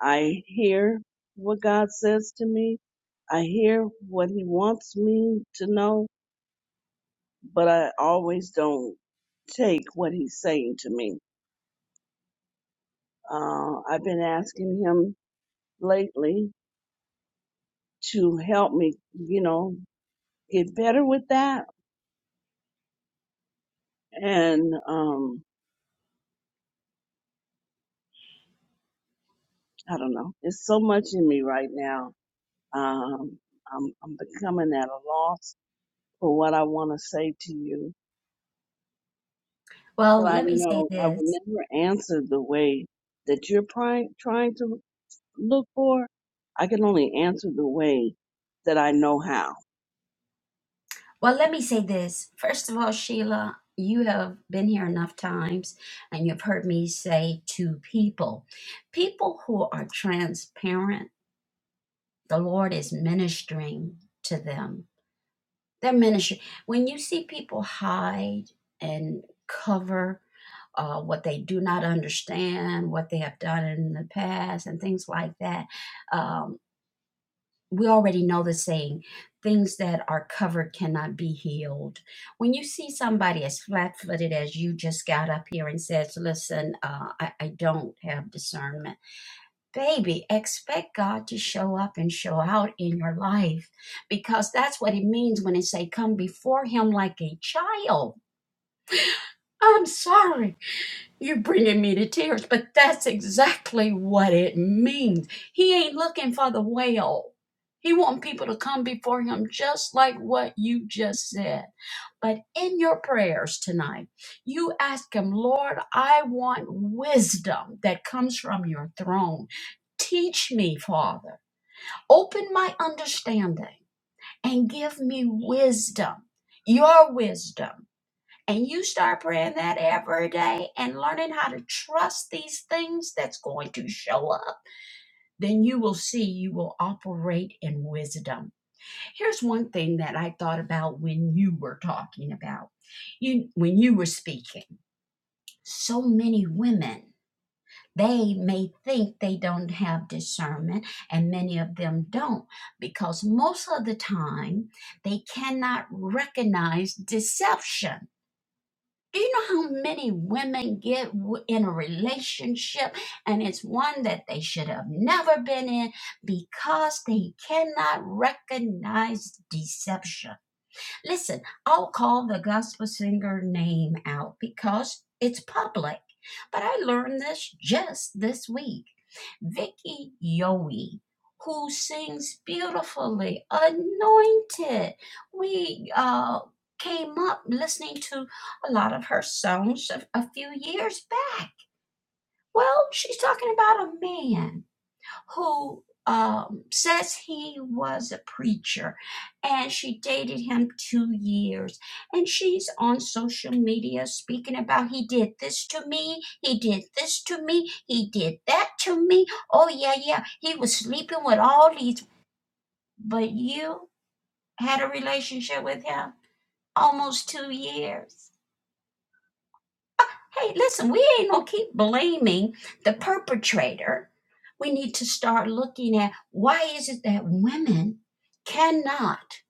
[SPEAKER 3] I hear what God says to me. I hear what he wants me to know, but I always don't take what he's saying to me. Uh, I've been asking him lately to help me, you know, get better with that. And um, I don't know, it's so much in me right now. Um, I'm, I'm becoming at a loss for what I want to say to you,
[SPEAKER 1] Well,
[SPEAKER 3] but I
[SPEAKER 1] let me say
[SPEAKER 3] know I will
[SPEAKER 1] this.
[SPEAKER 3] never answer the way that you're trying trying to look for. I can only answer the way that I know how.
[SPEAKER 1] Well, let me say this. First of all, Sheila, you have been here enough times and you've heard me say to people, people who are transparent, the Lord is ministering to them. They're ministering. When you see people hide and cover uh, what they do not understand, what they have done in the past, and things like that, um, we already know the saying things that are covered cannot be healed when you see somebody as flat-footed as you just got up here and says listen uh, I, I don't have discernment baby expect god to show up and show out in your life because that's what it means when it say come before him like a child i'm sorry you're bringing me to tears, but that's exactly what it means. He ain't looking for the whale. He want people to come before him just like what you just said. But in your prayers tonight, you ask him, Lord, I want wisdom that comes from your throne. Teach me, Father. Open my understanding and give me wisdom, your wisdom and you start praying that every day and learning how to trust these things that's going to show up. Then you will see you will operate in wisdom. Here's one thing that I thought about when you were talking about, you, when you were speaking. So many women, they may think they don't have discernment, and many of them don't, because most of the time they cannot recognize deception Do you know how many women get w- in a relationship and it's one that they should have never been in because they cannot recognize deception? Listen, I'll call the gospel singer name out because it's public, but I learned this just this week. Vicky Yowie, who sings beautifully, anointed. We uh, came up listening to a lot of her songs a, a few years back. Well, she's talking about a man who um, says he was a preacher and she dated him two years and she's on social media speaking about he did this to me he did this to me he did that to me oh yeah yeah he was sleeping with all these but you had a relationship with him almost two years Hey, listen, we ain't gonna keep blaming the perpetrator. We need to start looking at why is it that women cannot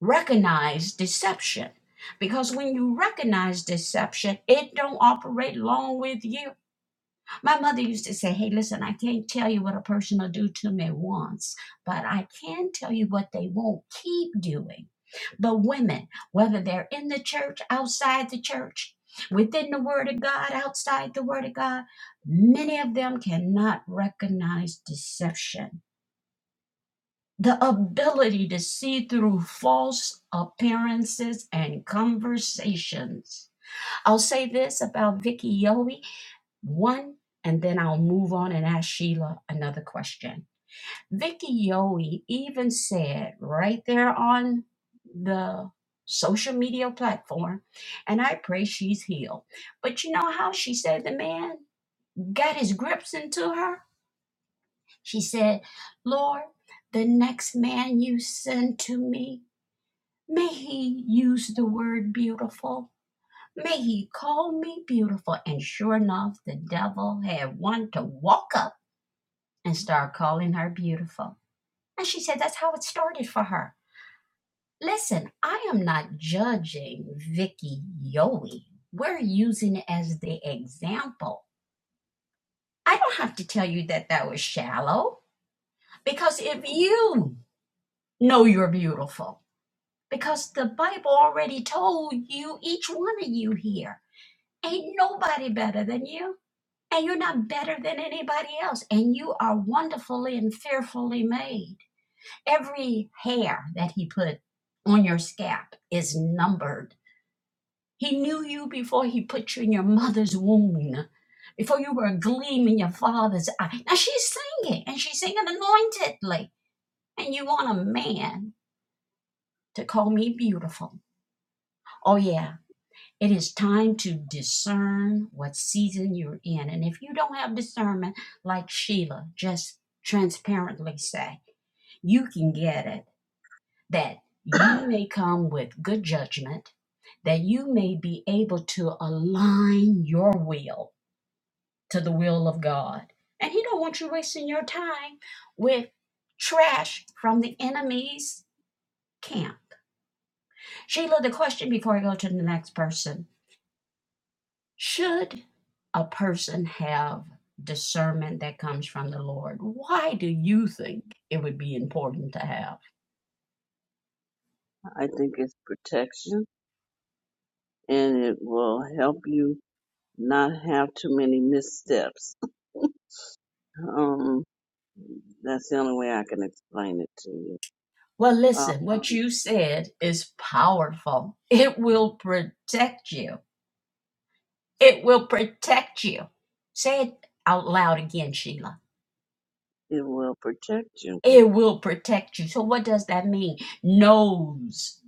[SPEAKER 1] recognize deception? Because when you recognize deception, it don't operate long with you. My mother used to say, Hey, listen, I can't tell you what a person will do to me once, but I can tell you what they won't keep doing. But women, whether they're in the church, outside the church, within the Word of God, outside the Word of God, many of them cannot recognize deception. The ability to see through false appearances and conversations. I'll say this about Vicky Yowie, one, and then I'll move on and ask Sheila another question. Vicky Yowie even said right there on the social media platform, and I pray she's healed. But you know how she said the man got his grips into her? She said, Lord, the next man you send to me, may he use the word beautiful. May he call me beautiful. And sure enough, the devil had one to walk up and start calling her beautiful. And she said that's how it started for her. Listen, I am not judging Vicky Yowie. We're using it as the example. I don't have to tell you that that was shallow because if you know you're beautiful, because the Bible already told you, each one of you here, ain't nobody better than you. And you're not better than anybody else. And you are wonderfully and fearfully made. Every hair that he put on your scalp is numbered He knew you before he put you in your mother's womb, before you were a gleam in your father's eye. Now she's singing, and she's singing anointedly. And you want a man to call me beautiful. Oh, yeah, it is time to discern what season you're in. And if you don't have discernment, like Sheila just transparently say, you can get it that you may come with good judgment, that you may be able to align your will to the will of God. And he don't want you wasting your time with trash from the enemy's camp. Sheila, the question before I go to the next person. Should a person have discernment that comes from the Lord? Why do you think it would be important to have?
[SPEAKER 3] I think it's protection, and it will help you not have too many missteps. Um, That's the only way I can explain it to you.
[SPEAKER 1] Well,
[SPEAKER 3] Uh,
[SPEAKER 1] listen, what you said is powerful. It will protect you. It will protect you. Say it out loud again, Sheila.
[SPEAKER 3] it will protect you.
[SPEAKER 1] it will protect you. So what does that mean? Knows,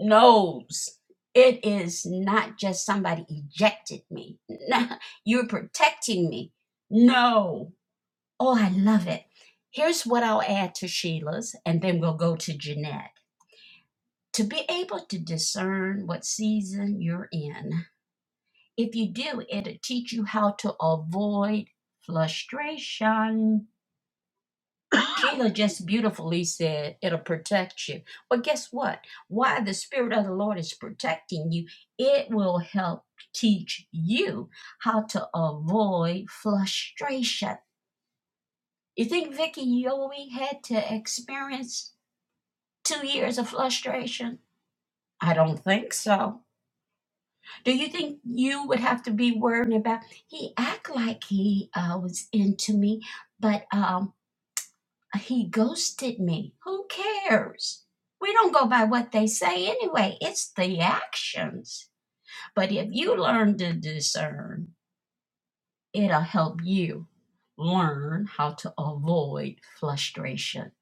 [SPEAKER 1] knows. It is not just somebody ejected me. Nah, you're protecting me. No. Oh, I love it. Here's what I'll add to Sheila's, and then we'll go to Jeanette. To be able to discern what season you're in, if you do, it'll teach you how to avoid frustration Sheila just beautifully said it'll protect you. Well, guess what? Why the Spirit of the Lord is protecting you, it will help teach you how to avoid frustration. You think Vicky Yowie had to experience two years of frustration? I don't think so. Do you think you would have to be worried about he act like he uh, was into me, but um He ghosted me. Who cares? We don't go by what they say anyway. It's the actions. But if you learn to discern, it'll help you learn how to avoid frustration.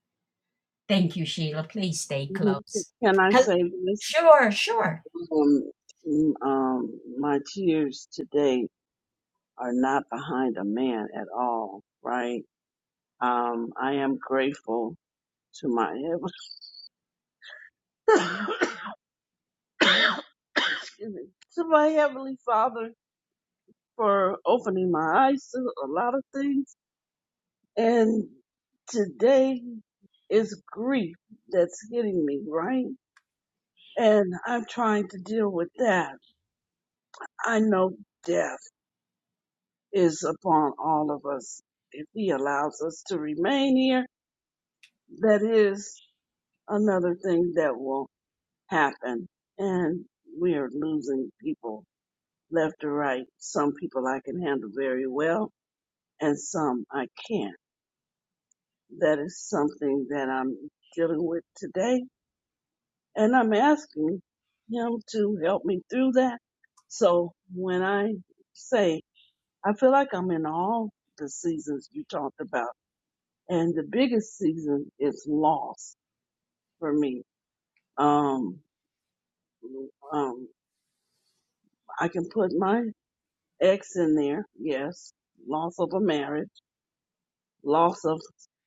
[SPEAKER 1] Thank you, Sheila. Please stay close.
[SPEAKER 3] Can I
[SPEAKER 1] Hel-
[SPEAKER 3] say this?
[SPEAKER 1] Sure, sure.
[SPEAKER 3] Um, mm, um, my tears today are not behind a man at all, right? Um, I am grateful to my heav- excuse me, to my heavenly Father for opening my eyes to a lot of things, and today is grief that's hitting me, right? And I'm trying to deal with that. I know death is upon all of us. If he allows us to remain here, that is another thing that will happen. And we are losing people left or right. Some people I can handle very well and some I can't. That is something that I'm dealing with today. And I'm asking him to help me through that. So when I say I feel like I'm in all the seasons you talked about. And the biggest season is loss for me. Um, um, I can put my ex in there. Yes. Loss of a marriage, loss of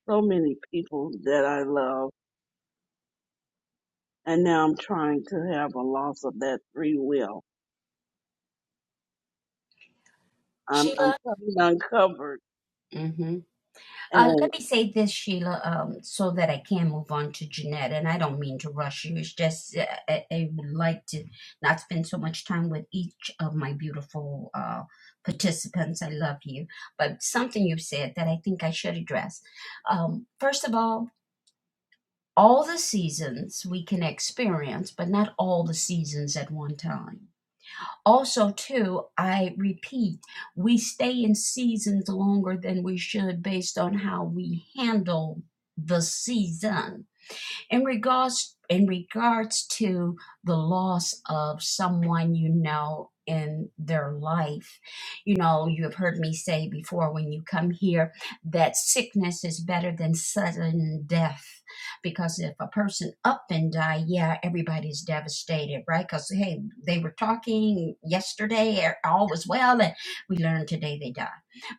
[SPEAKER 3] so many people that I love. And now I'm trying to have a loss of that free will. I'm, I'm
[SPEAKER 1] Sheila?
[SPEAKER 3] coming uncovered
[SPEAKER 1] Mm-hmm. Uh, let me say this, Sheila, um, so that I can move on to Jeanette. And I don't mean to rush you. It's just uh, I, I would like to not spend so much time with each of my beautiful uh, participants. I love you. But something you have said that I think I should address. Um, first of all, all the seasons we can experience, but not all the seasons at one time. Also, too, I repeat, we stay in seasons longer than we should based on how we handle the season in regards in regards to the loss of someone you know in their life you know you have heard me say before when you come here that sickness is better than sudden death because if a person up and die yeah everybody's devastated right because hey they were talking yesterday er- all was well and we learned today they died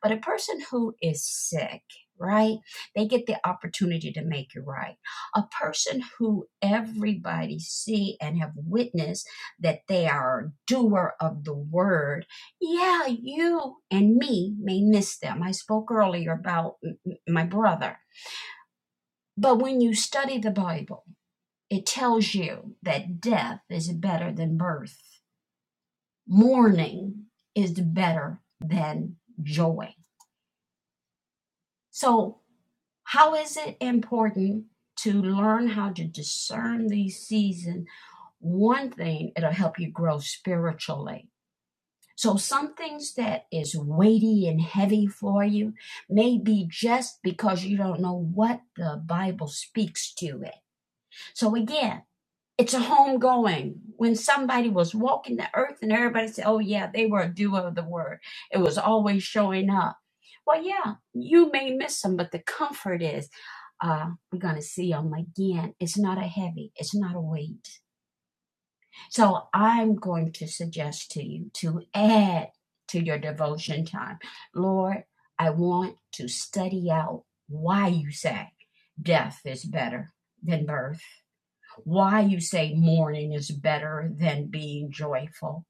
[SPEAKER 1] but a person who is sick right they get the opportunity to make it right a person who everybody see and have witnessed that they are a doer of the word yeah you and me may miss them i spoke earlier about my brother but when you study the bible it tells you that death is better than birth mourning is better than joy so how is it important to learn how to discern these seasons one thing it'll help you grow spiritually so some things that is weighty and heavy for you may be just because you don't know what the bible speaks to it so again it's a homegoing when somebody was walking the earth and everybody said oh yeah they were a doer of the word it was always showing up well yeah you may miss them but the comfort is uh, we're going to see them again. It's not a heavy, it's not a weight. So I'm going to suggest to you to add to your devotion time. Lord, I want to study out why you say death is better than birth, why you say mourning is better than being joyful.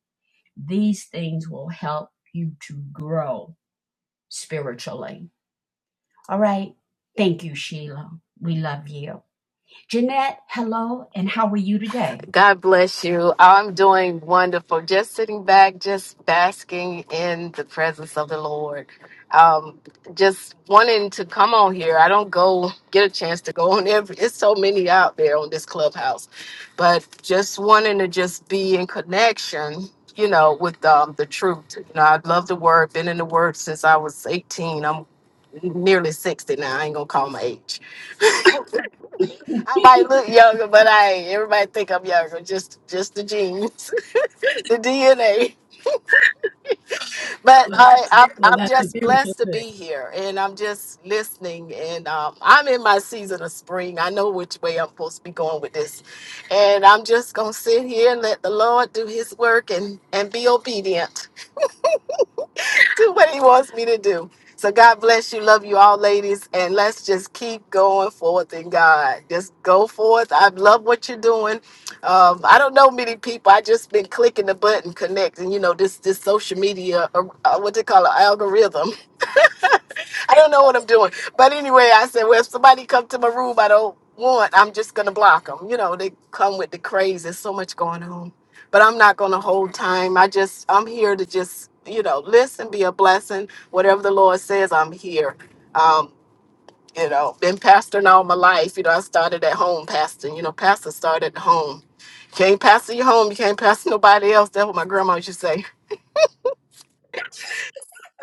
[SPEAKER 1] These things will help you to grow spiritually. All right. Thank you, Sheila. We love you. Jeanette, hello, and how are you today?
[SPEAKER 4] God bless you. I'm doing wonderful. Just sitting back, just basking in the presence of the Lord. Um, just wanting to come on here. I don't go get a chance to go on every. It's so many out there on this clubhouse, but just wanting to just be in connection. You know, with um, the truth. You know, I love the word. Been in the word since I was 18. I'm nearly 60 now. I ain't gonna call my age. I might look younger, but I ain't. Everybody think I'm younger. Just just the genes the DNA. But I, I'm, I'm just blessed to be here, and I'm just listening. And um, I'm in my season of spring. I know which way I'm supposed to be going with this, and I'm just gonna sit here and let the Lord do His work and and be obedient. do what he wants me to do. So God bless you. Love you all, ladies. And let's just keep going forth in God. Just go forth. I love what you're doing. Um, I don't know many people. I just been clicking the button, connecting. You know this this social media, uh, uh, what they call an algorithm. I don't know what I'm doing. But anyway, I said, well, if somebody come to my room I don't want, I'm just going to block them. You know, they come with the craze. There's so much going on. But I'm not going to hold time. I just, I'm here to just, you know, listen, be a blessing. Whatever the Lord says, I'm here. Um, you know, been pastoring all my life. You know, I started at home pastoring. You know, pastor started at home. Can't pastor your home. You can't pastor nobody else. That's what my grandma used to say.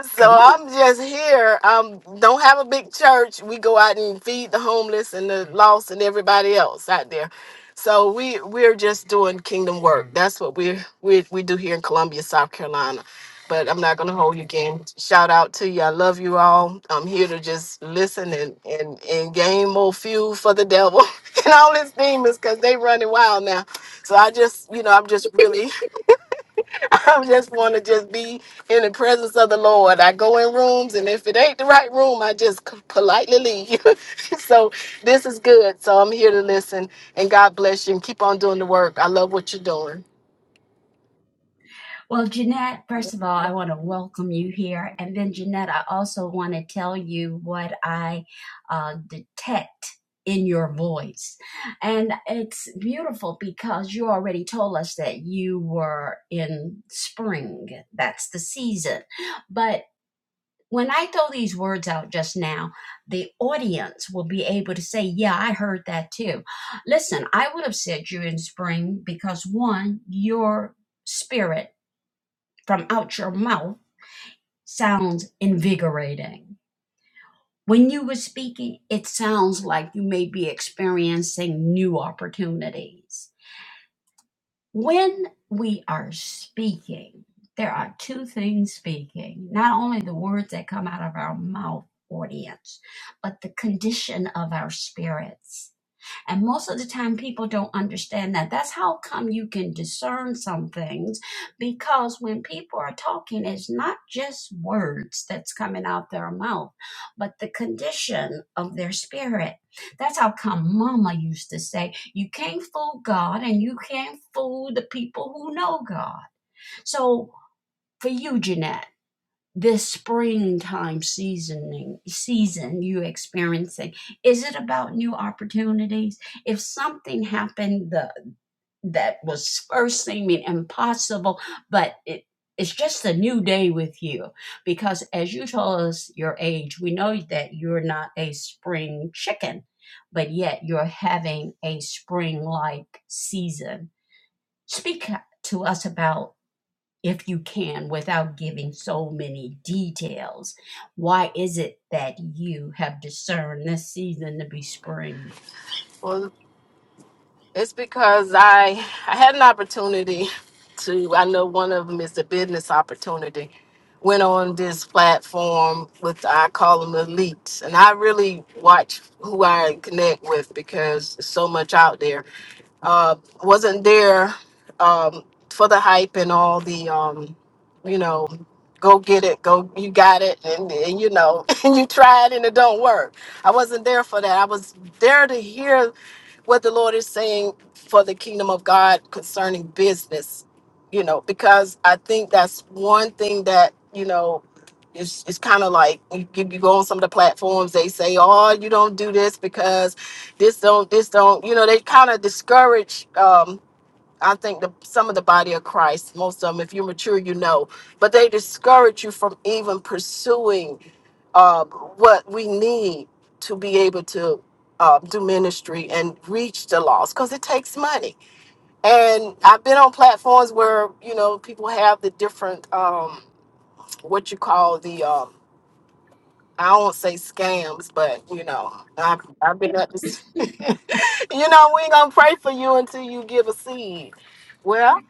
[SPEAKER 4] So I'm just here. Um, don't have a big church. We go out and feed the homeless and the lost and everybody else out there. So we we're just doing kingdom work. That's what we we we do here in Columbia, South Carolina. But I'm not gonna hold you again. Shout out to you. I love you all. I'm here to just listen and and and gain more fuel for the devil and all his demons because they running wild now. So I just you know I'm just really I just want to just be in the presence of the Lord. I go in rooms, and if it ain't the right room, I just c- politely leave. so this is good. So I'm here to listen, and God bless you, and keep on doing the work. I love what you're doing.
[SPEAKER 1] Well, Jeanette, first of all, I want to welcome you here. And then, Jeanette, I also want to tell you what I uh, detect in your voice. And it's beautiful because you already told us that you were in spring, that's the season. But when I throw these words out just now, the audience will be able to say, Yeah, I heard that too. Listen, I would have said you're in spring because one, your spirit from out your mouth sounds invigorating. When you were speaking, it sounds like you may be experiencing new opportunities. When we are speaking, there are two things speaking not only the words that come out of our mouth, audience, but the condition of our spirits And most of the time, people don't understand that. That's how come you can discern some things because when people are talking, it's not just words that's coming out their mouth, but the condition of their spirit. That's how come Mama used to say, You can't fool God and you can't fool the people who know God. So, for you, Jeanette, this springtime seasoning season you experiencing is it about new opportunities if something happened the, that was first seeming impossible but it it's just a new day with you because as you tell us your age we know that you're not a spring chicken but yet you're having a spring like season speak to us about if you can without giving so many details. Why is it that you have discerned this season to be spring?
[SPEAKER 4] Well, it's because I I had an opportunity to. I know one of them is the business opportunity. Went on this platform with I call them elites, and I really watch who I connect with because there's so much out there uh, wasn't there um, for the hype and all the, um, you know, go get it, go, you got it, and, and you know, and you try it and it don't work. I wasn't there for that. I was there to hear what the Lord is saying for the kingdom of God concerning business, you know, because I think that's one thing that, you know, it's, it's kind of like you, you you go on some of the platforms they say oh you don't do this because this don't this don't you know they kind of discourage um i think the, some of the body of christ most of them if you're mature you know but they discourage you from even pursuing um, what we need to be able to um, do ministry and reach the lost because it takes money. And I've been on platforms where you know people have the different um, what you call the um, I don't wanna say scams, but you know I've I've been at this. you know, we ain't gonna pray for you until you give a seed. Well,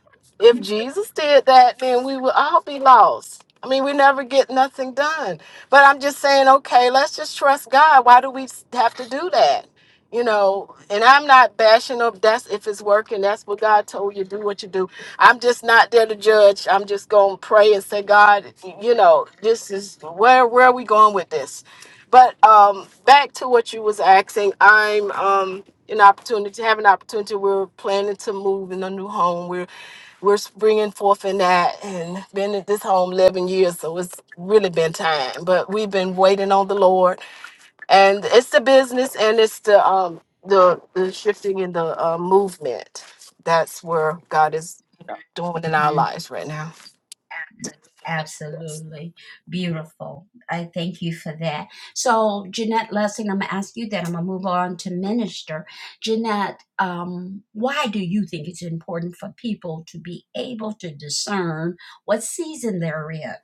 [SPEAKER 4] if Jesus did that, then we would all be lost. I mean, we never get nothing done. But I'm just saying, okay, let's just trust God. Why do we have to do that? You know, and I'm not bashing up. That's if it's working. That's what God told you. Do what you do. I'm just not there to judge. I'm just gonna pray and say, God, you know, this is where where are we going with this? But um, back to what you was asking. I'm um, an opportunity to have an opportunity. We're planning to move in a new home. We're we're bringing forth in that and been at this home eleven years, so it's really been time. But we've been waiting on the Lord, and it's the business and it's the um the the shifting in the uh, movement. That's where God is doing in our
[SPEAKER 1] Mhm.
[SPEAKER 4] lives right now. Yes.
[SPEAKER 1] Absolutely beautiful. I thank you for that. So, Jeanette Lessing, I'm gonna ask you that. I'm gonna move on to minister. Jeanette, um, why do you think it's important for people to be able to discern what season they're in?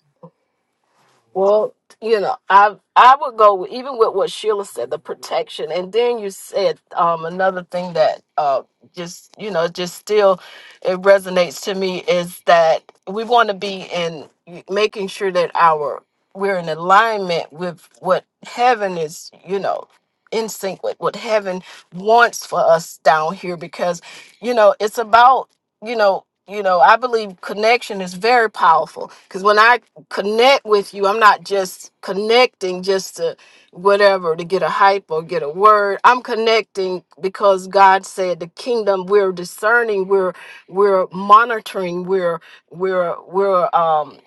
[SPEAKER 4] Well, you know, I I would go with, even with what Sheila said, the protection, and then you said um, another thing that uh, just you know just still it resonates to me is that we want to be in making sure that our we're in alignment with what heaven is, you know, in sync with what heaven wants for us down here, because you know it's about you know you know I believe connection is very powerful because when I connect with you. I'm not just connecting just to whatever to get a hype or get a word. I'm connecting because God said the kingdom we're discerning, we're we're monitoring, we're we're we're um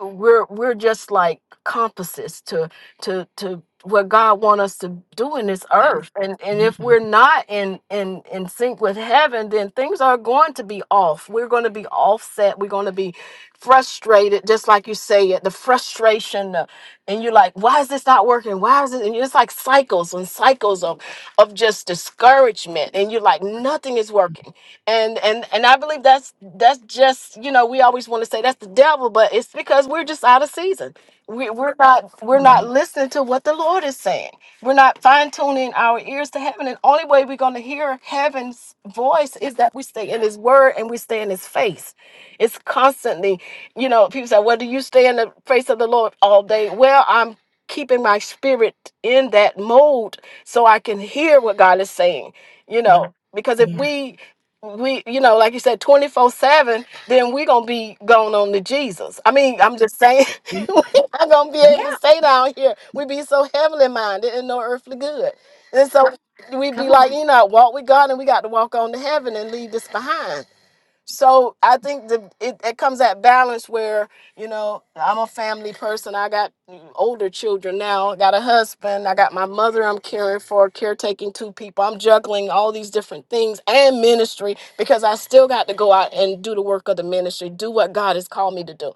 [SPEAKER 4] we're we're just like compasses to to to what God want us to do in this earth. And and if
[SPEAKER 1] Mhm.
[SPEAKER 4] we're not in in in sync with heaven, then things are going to be off. We're going to be offset. We're going to be frustrated, just like you say it, the frustration, uh, and you're like, why is this not working? Why is it? And it's like cycles and cycles of, of just discouragement, and you're like, nothing is working. And and and I believe that's that's just you know we always want to say that's the devil, but it's because we're just out of of season. We, we're not we're
[SPEAKER 1] Right.
[SPEAKER 4] not listening to what the Lord is saying. We're not fine tuning our ears to heaven. And only way we're going to hear heaven's voice is that we stay in His Word and we stay in His face. It's constantly, you know. People say, "Well, do you stay in the face of the Lord all day?" Well, I'm keeping my spirit in that mode so I can hear what God is saying. You know, Mhm. because if
[SPEAKER 1] Yeah.
[SPEAKER 4] we we you know like you said 24 7 then we're gonna be going on to jesus i mean i'm just saying
[SPEAKER 1] Yeah.
[SPEAKER 4] we're not gonna be able
[SPEAKER 1] Yeah.
[SPEAKER 4] to stay down here we be so heavenly minded and no earthly good and so we be
[SPEAKER 1] Come
[SPEAKER 4] like
[SPEAKER 1] on.
[SPEAKER 4] you know walk with god and we got to walk on to heaven and leave this behind so I think the it, it comes at balance where you know I'm a family person. I got older children now. I got a husband. I got my mother. I'm caring for, caretaking two people. I'm juggling all these different things and ministry because I still got to go out and do the work of the ministry, do what God has called me to do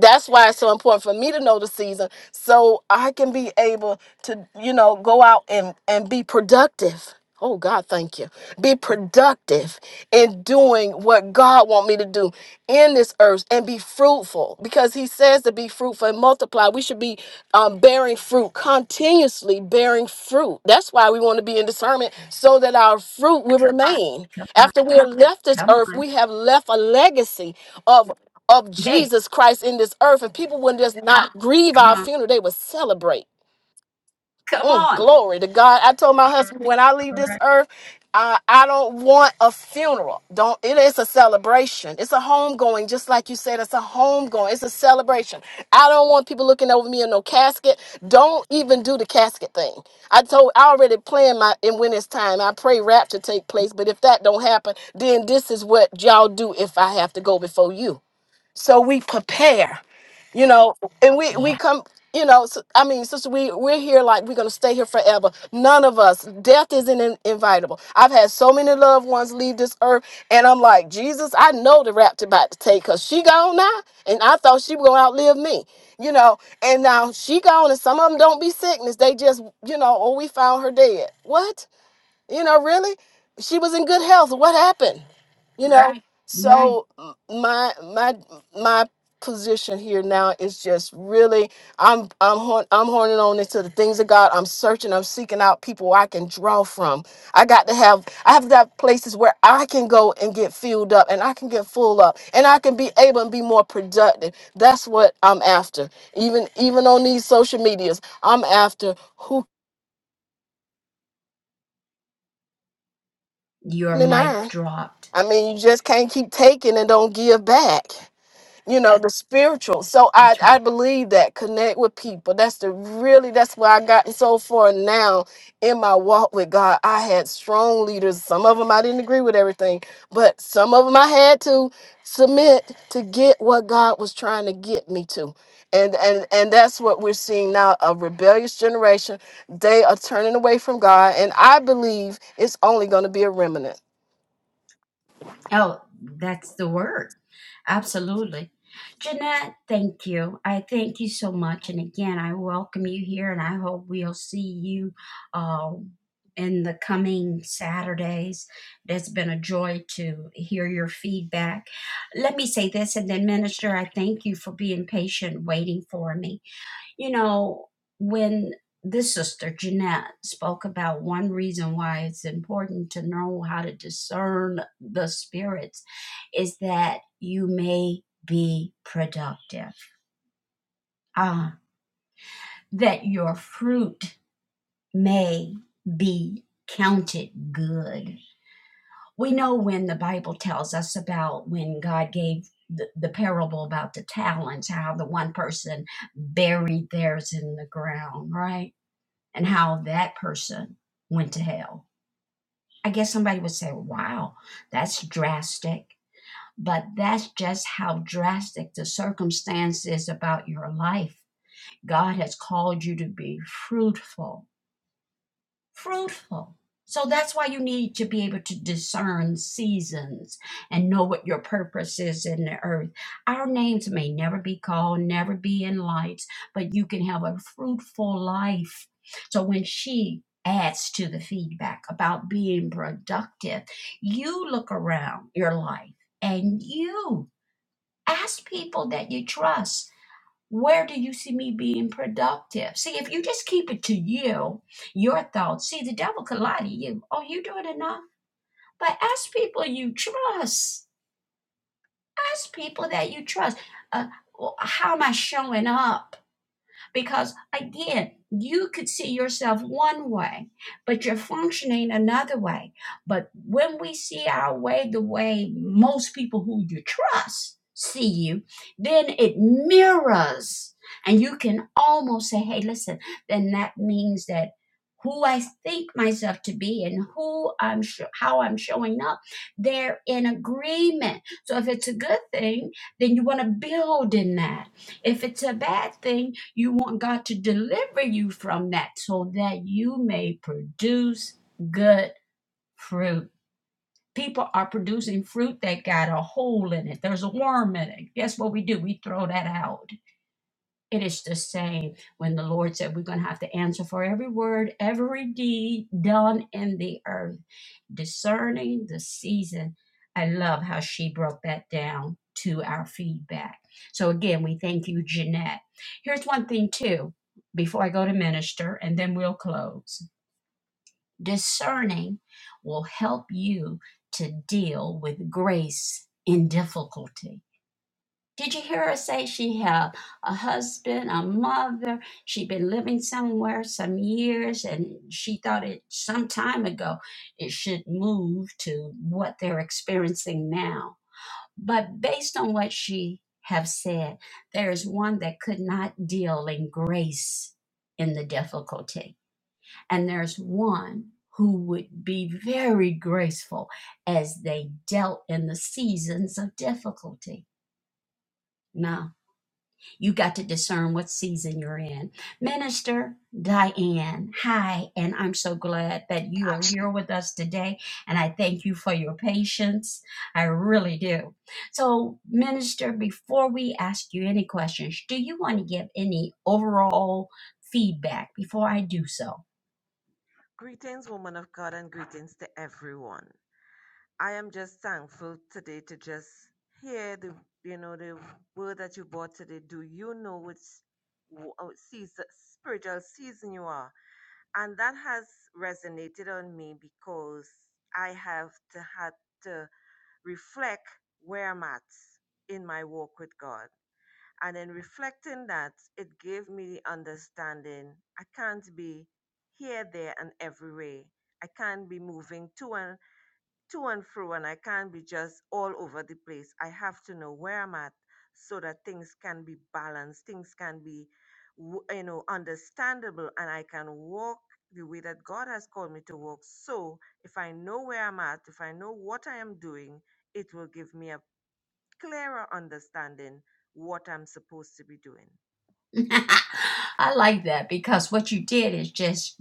[SPEAKER 4] that's why it's so important for me to know the season so I can be able to, you know, go out and, and be productive. Oh God, thank you. Be
[SPEAKER 1] Mm.
[SPEAKER 4] productive in doing what God want me to do in this earth and be fruitful because he says to be fruitful and multiply. We should be um, bearing fruit, continuously bearing fruit. That's why we want to be in discernment so that our fruit will remain.
[SPEAKER 1] Come on.
[SPEAKER 4] After we have left this
[SPEAKER 1] Come
[SPEAKER 4] earth,
[SPEAKER 1] on.
[SPEAKER 4] we have left a legacy of of
[SPEAKER 1] Hey,
[SPEAKER 4] Jesus Christ in this earth, and people wouldn't just not grieve
[SPEAKER 1] come
[SPEAKER 4] our
[SPEAKER 1] on.
[SPEAKER 4] funeral; they would celebrate.
[SPEAKER 1] Come
[SPEAKER 4] Mm,
[SPEAKER 1] on.
[SPEAKER 4] glory to God! I told my husband when I leave this
[SPEAKER 1] Right.
[SPEAKER 4] earth, I, I don't want a funeral. Don't it is a celebration. It's a homegoing, just like you said. It's a homegoing. It's a celebration. I don't want people looking over me in no casket. Don't even do the casket thing. I told I already planned my and when it's time. I pray rapture take place, but if that don't happen, then this is what y'all do if I have to go before you so we prepare you know and we we
[SPEAKER 1] Yeah.
[SPEAKER 4] come you know s I i mean sister we we're here like we're gonna stay here forever none of us death isn't in, invitable i've had so many loved ones leave this earth and i'm like jesus i know the rapture about to take because she gone now and i thought she was gonna outlive me you know and now she gone and some of them don't be sickness they just you know oh we found her dead what you know, really, she was in good health. What happened? You know, Right.
[SPEAKER 1] Right.
[SPEAKER 4] so m- my my my position here now is just really I'm I'm horn, I'm horning on into the things of God. I'm searching. I'm seeking out people I can draw from. I got to have I have to have places where I can go and get filled up, and I can get full up, and I can be able and be more productive. That's what I'm after. Even even on these social medias, I'm after who.
[SPEAKER 1] Your
[SPEAKER 4] and
[SPEAKER 1] mic
[SPEAKER 4] iron.
[SPEAKER 1] dropped.
[SPEAKER 4] I mean, you just can't keep taking and don't give back. You know, the spiritual. So I
[SPEAKER 1] That's right.
[SPEAKER 4] I believe that connect with people. That's the really that's where I gotten so far now in my walk with God. I had strong leaders. Some of them I didn't agree with everything, but some of them I had to submit to get what God was trying to get me to. And and and that's what we're seeing now a rebellious generation. They are turning away from God, and I believe it's only going to be a remnant.
[SPEAKER 1] Oh, that's the word. Absolutely. Jeanette, thank you. I thank you so much. And again, I welcome you here and I hope we'll see you uh, in the coming Saturdays. It's been a joy to hear your feedback. Let me say this and then, Minister, I thank you for being patient waiting for me. You know, when this sister, Jeanette, spoke about one reason why it's important to know how to discern the spirits is that you may be productive, uh, that your fruit may be counted good. We know when the Bible tells us about when God gave the, the parable about the talents, how the one person buried theirs in the ground, right? and how that person went to hell. I guess somebody would say, "Well, wow, that's drastic. But that's just how drastic the circumstance is about your life. God has called you to be fruitful fruitful. So that's why you need to be able to discern seasons and know what your purpose is in the earth. Our names may never be called, never be in lights, but you can have a fruitful life. So when she adds to the feedback about being productive, you look around your life and you ask people that you trust where do you see me being productive? See, if you just keep it to you, your thoughts, see, the devil could lie to you. Oh, you doing enough? But ask people you trust. Ask people that you trust. Uh, well, how am I showing up? because again you could see yourself one way but you're functioning another way but when we see our way the way most people who you trust see you then it mirrors and you can almost say hey listen then that means that who I think myself to be and who I'm sho- how I'm showing up they're in agreement so if it's a good thing then you want to build in that if it's a bad thing you want God to deliver you from that so that you may produce good fruit. People are producing fruit that got a hole in it. There's a worm in it. Guess what we do? We throw that out it is the same when the Lord said we're going to have to answer for every word, every deed done in the earth, discerning the season. I love how she broke that down to our feedback. So, again, we thank you, Jeanette. Here's one thing, too, before I go to minister, and then we'll close. Discerning will help you to deal with grace in difficulty did you hear her say she had a husband, a mother? She'd been living somewhere some years, and she thought it some time ago it should move to what they're experiencing now. But based on what she have said, there is one that could not deal in grace in the difficulty, and there's one who would be very graceful as they dealt in the seasons of difficulty. Now, you got to discern what season you're in. Minister Diane, hi, and I'm so glad that you are here with us today. And I thank you for your patience. I really do. So, Minister, before we ask you any questions, do you want to give any overall feedback before I do so?
[SPEAKER 5] Greetings, woman of God, and greetings to everyone. I am just thankful today to just hear the, you know, the word that you brought today. Do you know which uh, season, spiritual season you are? And that has resonated on me because I have to, had to reflect where I'm at in my walk with God. And in reflecting that, it gave me the understanding I can't be here, there, and everywhere. I can't be moving to and to and fro, and I can't be just all over the place. I have to know where I'm at so that things can be balanced, things can be, w- you know, understandable, and I can walk the way that God has called me to walk. So if I know where I'm at, if I know what I am doing, it will give me a clearer understanding what I'm supposed to be doing.
[SPEAKER 1] I like that because what you did is just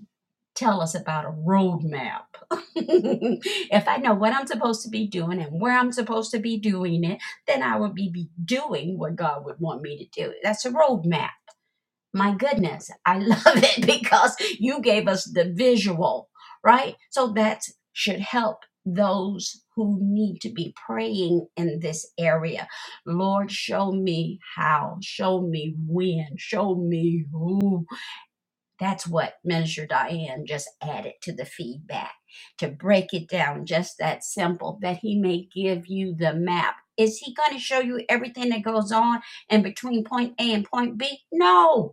[SPEAKER 1] tell us about a roadmap. if I know what I'm supposed to be doing and where I'm supposed to be doing it, then I will be, be doing what God would want me to do. That's a roadmap. My goodness, I love it because you gave us the visual, right? So that should help those who need to be praying in this area. Lord, show me how, show me when, show me who. That's what Minister Diane just added to the feedback to break it down just that simple that He may give you the map. Is He going to show you everything that goes on in between point A and point B? No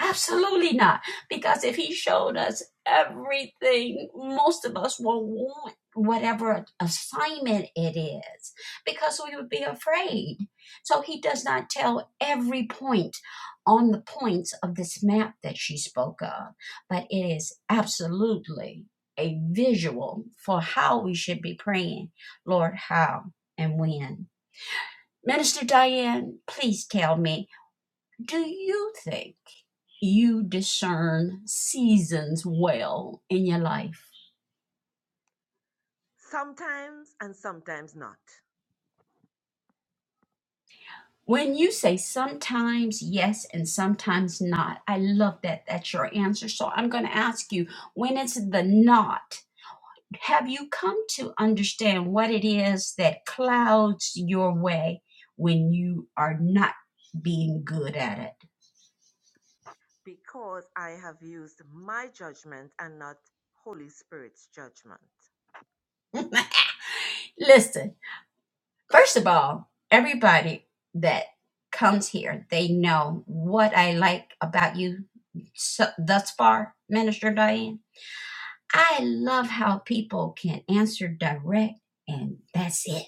[SPEAKER 1] Absolutely not. Because if he showed us everything, most of us will want whatever assignment it is because we would be afraid. So he does not tell every point on the points of this map that she spoke of, but it is absolutely a visual for how we should be praying. Lord, how and when? Minister Diane, please tell me do you think you discern seasons well in your life?
[SPEAKER 5] Sometimes and sometimes not.
[SPEAKER 1] When you say sometimes yes and sometimes not, I love that. That's your answer. So I'm going to ask you when it's the not, have you come to understand what it is that clouds your way when you are not being good at
[SPEAKER 5] Because I have used my judgment and not Holy Spirit's judgment.
[SPEAKER 1] it? Listen. First of all, everybody that comes here, they know what I like about you so, thus far, Minister Diane. I love how people can answer direct, and that's it.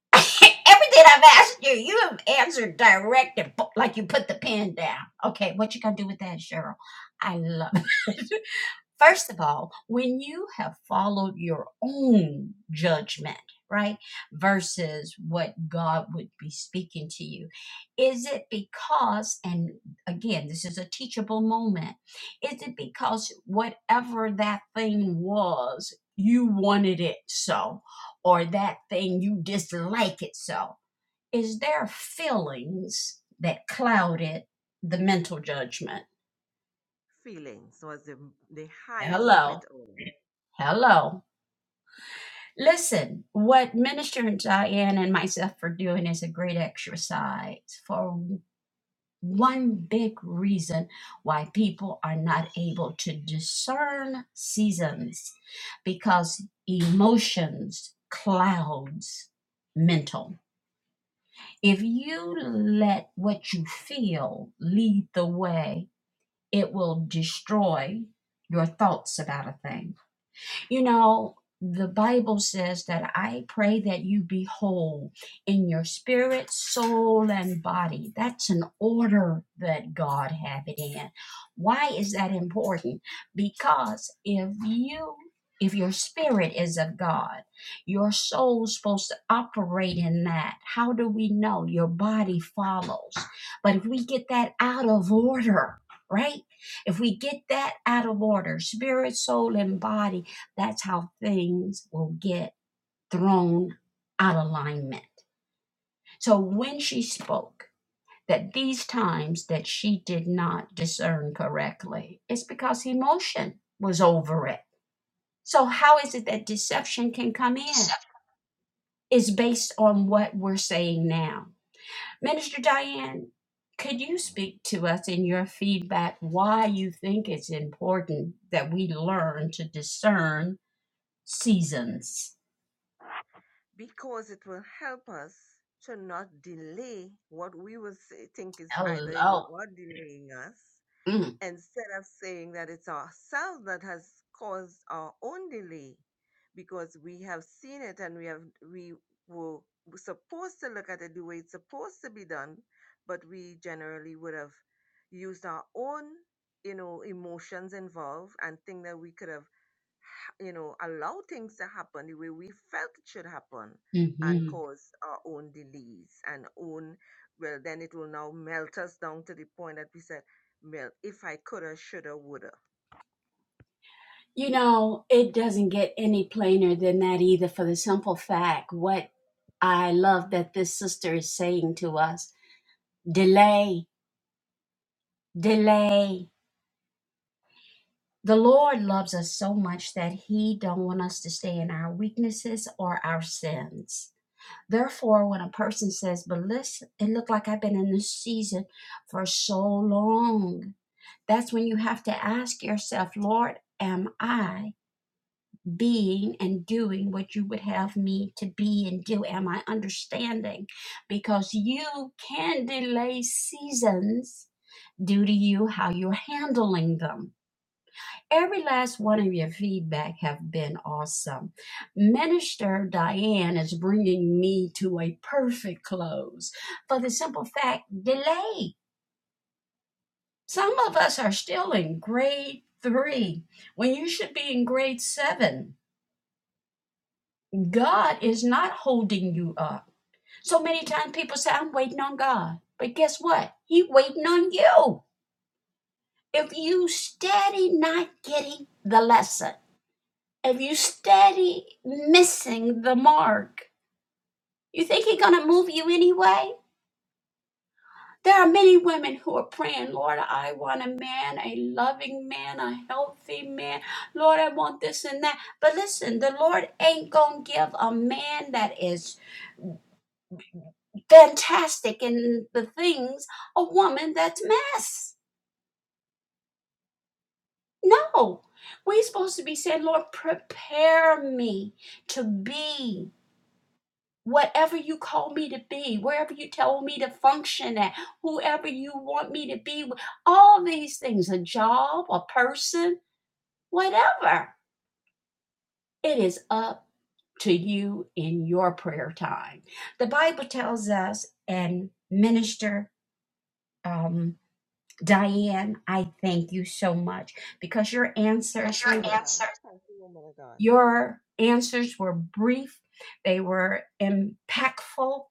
[SPEAKER 1] Everything I've asked you, you have answered direct and bo- like you put the pen down. Okay, what you gonna do with that, Cheryl? I love. it. First of all, when you have followed your own judgment, right, versus what God would be speaking to you, is it because, and again, this is a teachable moment, is it because whatever that thing was, you wanted it so, or that thing you dislike it so? Is there feelings that clouded the mental judgment?
[SPEAKER 5] Feelings was the, the highest of
[SPEAKER 1] Hello,
[SPEAKER 5] it all.
[SPEAKER 1] hello Listen, what Minister Diane and myself are doing is a great exercise for one big reason why people are not able to discern seasons because emotions clouds mental. If you let what you feel lead the way, it will destroy your thoughts about a thing you know, the Bible says that I pray that you be whole in your spirit, soul, and body. That's an order that God have it in. Why is that important? Because if you if your spirit is of God, your soul's supposed to operate in that. How do we know? Your body follows. But if we get that out of order, right? If we get that out of order, spirit, soul, and body, that's how things will get thrown out of alignment. So when she spoke that these times that she did not discern correctly, it's because emotion was over it. So how is it that deception can come in? It's based on what we're saying now. Minister Diane, could you speak to us in your feedback why you think it's important that we learn to discern seasons?
[SPEAKER 5] because it will help us to not delay what we will say, think is either it's
[SPEAKER 1] Hello.
[SPEAKER 5] God delaying us
[SPEAKER 1] Mm.
[SPEAKER 5] instead of saying that it's ourselves that has caused our own delay because we have seen it and we have we were supposed to look at it the way it's supposed to be done but we generally would have used our own you know emotions involved and think that we could have ha- you know allow things to happen the way we felt it should happen and
[SPEAKER 1] hmm
[SPEAKER 5] cause our own delays and own well then it will now melt us down to the point that we say Mel, if I coulda, shoulda, woulda.
[SPEAKER 1] You know, it doesn't get any plainer than that either for the simple fact what I love that this sister is saying to us delay, delay. The Lord loves us so much that He don't want us to stay in our weaknesses or our sins. Therefore, when a person says, "But listen, it looked like I've been in this season for so long," that's when you have to ask yourself, "Lord, am I?" being and doing what you would have me to be and do. Am I understanding? Because you can delay seasons due to you how you're handling them. Every last one of your feedback have been awesome. Minister Diane is bringing me to a perfect close for the simple fact delay. Some of us are still in grade 3 when you should be in grade 7 God is not holding you up. So many times people say, I'm waiting on God. But guess what? He waiting on you. If you steady not getting the lesson, if you steady missing the mark, you think He's gonna move you anyway? There are many women who are praying, Lord, I want a man, a loving man, a healthy man. Lord, I want this and that. But listen, the Lord ain't gonna give a man that is fantastic in the things of woman that's mess. No, we're supposed to be saying, Lord, prepare me to be whatever you call me to be, wherever you tell me to function at, whoever you want me to be, all these things, a job, a person, whatever. It is up to you in your prayer time. The Bible tells us, and minister um, Diane, I thank you so much because your
[SPEAKER 5] Because
[SPEAKER 1] answers,
[SPEAKER 5] your
[SPEAKER 1] they were
[SPEAKER 5] answer. Thank you, woman of God.
[SPEAKER 1] your answers were brief, they were impactful,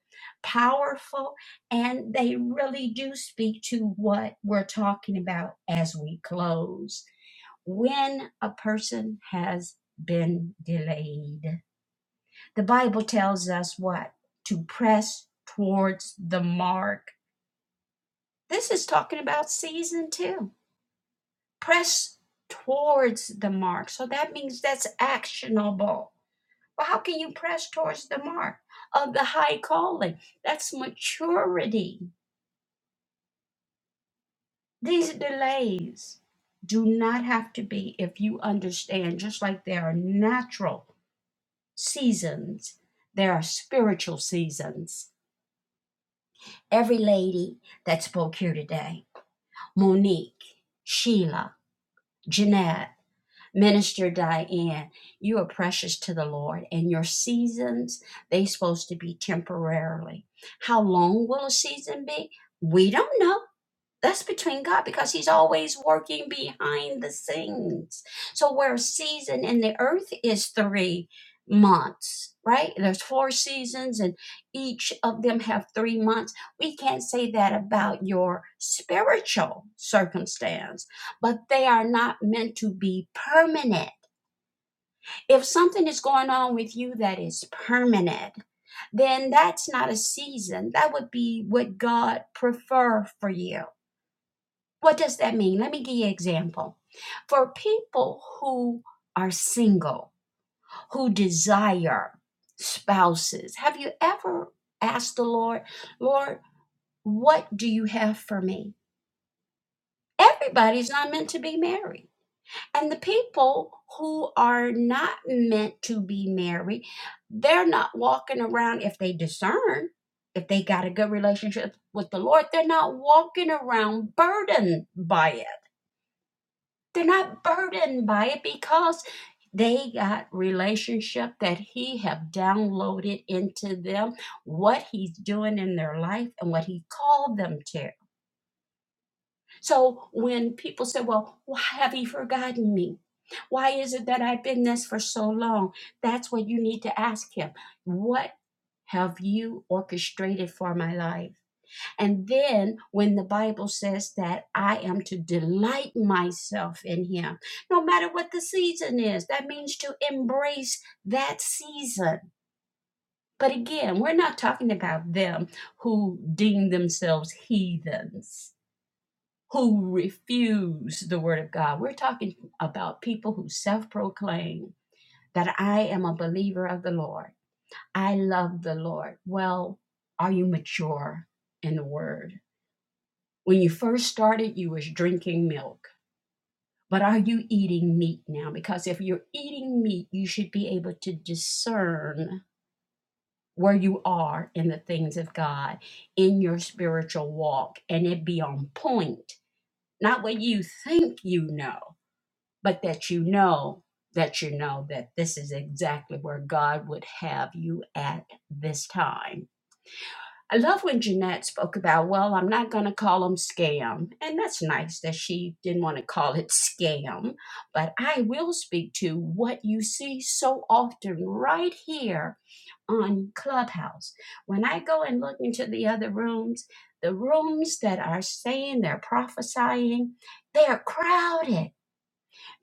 [SPEAKER 1] powerful, and they really do speak to what we're talking about as we close. When a person has been delayed, the Bible tells us what? To press towards the mark. This is talking about season two press towards the mark. So that means that's actionable. Well, how can you press towards the mark of the high calling? That's maturity. These delays do not have to be if you understand, just like there are natural seasons, there are spiritual seasons. Every lady that spoke here today, Monique, Sheila, Jeanette, Minister Diane, you are precious to the Lord, and your seasons, they are supposed to be temporarily. How long will a season be? We don't know. That's between God because He's always working behind the scenes. So, where a season in the earth is three months, right? There's four seasons, and each of them have three months. We can't say that about your spiritual circumstance, but they are not meant to be permanent. If something is going on with you that is permanent, then that's not a season. That would be what God prefer for you. What does that mean? Let me give you an example. For people who are single, who desire spouses, have you ever asked the Lord, Lord, what do you have for me? Everybody's not meant to be married. And the people who are not meant to be married, they're not walking around if they discern, if they got a good relationship with the Lord, they're not walking around burdened by it They're not burdened by it because they got relationship that he have downloaded into them what he's doing in their life and what he called them to. So when people say, "Well, why have you forgotten me? Why is it that I've been this for so long?" That's what you need to ask him. What have you orchestrated for my life? And then when the Bible says that I am to delight myself in Him, no matter what the season is, that means to embrace that season. But again, we're not talking about them who deem themselves heathens, who refuse the Word of God. We're talking about people who self proclaim that I am a believer of the Lord. I love the Lord. Well, are you mature in the Word? When you first started, you was drinking milk. But are you eating meat now? Because if you're eating meat, you should be able to discern where you are in the things of God in your spiritual walk and it be on point. Not what you think you know, but that you know that you know that this is exactly where God would have you at this time I love when Jeanette spoke about, well, I'm not going to call them scam. And that's nice that she didn't want to call it scam. But I will speak to what you see so often right here on Clubhouse. When I go and look into the other rooms, the rooms that are saying they're prophesying, they are crowded.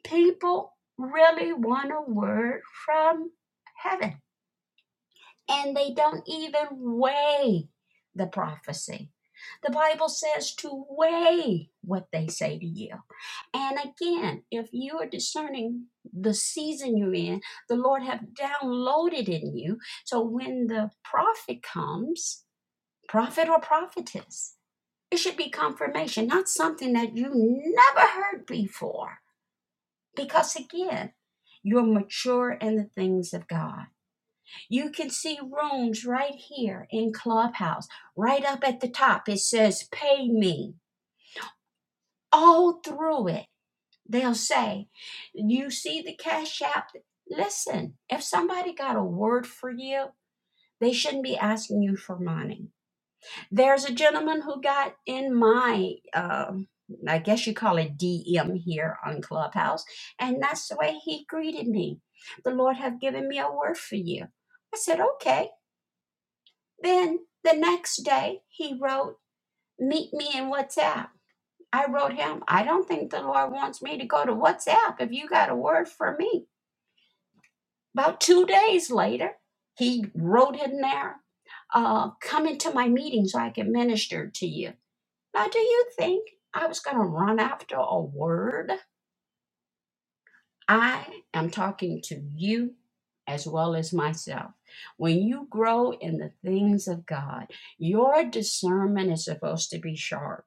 [SPEAKER 1] People really want a word from heaven and they don't even weigh the prophecy. The Bible says to weigh what they say to you. And again, if you are discerning the season you're in, the Lord have downloaded in you. So when the prophet comes, prophet or prophetess, it should be confirmation, not something that you never heard before. Because again, you're mature in the things of God. You can see rooms right here in Clubhouse. Right up at the top, it says pay me. All through it, they'll say, You see the Cash App? Listen, if somebody got a word for you, they shouldn't be asking you for money. There's a gentleman who got in my, um I guess you call it DM here on Clubhouse, and that's the way he greeted me. The Lord have given me a word for you. I said, okay. Then the next day he wrote, Meet me in WhatsApp. I wrote him, I don't think the Lord wants me to go to WhatsApp if you got a word for me. About two days later, he wrote in there, uh, Come into my meeting so I can minister to you. Now, do you think I was going to run after a word? I am talking to you as well as myself. When you grow in the things of God, your discernment is supposed to be sharp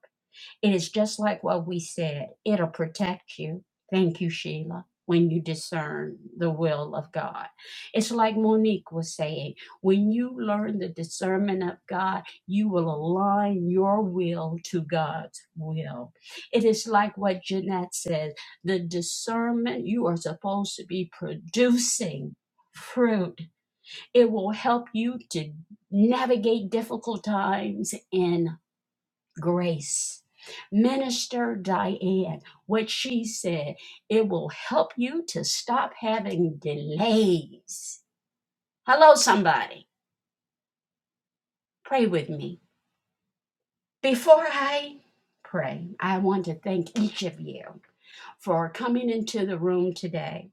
[SPEAKER 1] It is just like what we said it'll protect you. Thank you, Sheila. When you discern the will of God, it's like Monique was saying when you learn the discernment of God, you will align your will to God's will. It is like what Jeanette says the discernment you are supposed to be producing fruit. It will help you to navigate difficult times in grace. Minister Diane, what she said, it will help you to stop having delays. Hello, somebody. Pray with me. Before I pray, I want to thank each of you for coming into the room today.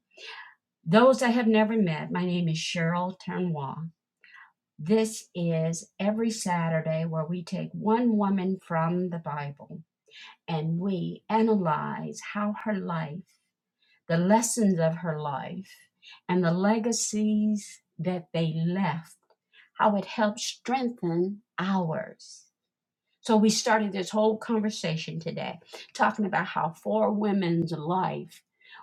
[SPEAKER 1] Those I have never met, my name is Cheryl Turnwall. This is every Saturday where we take one woman from the Bible and we analyze how her life the lessons of her life, and the legacies that they left, how it helped strengthen ours. So, we started this whole conversation today talking about how four women's life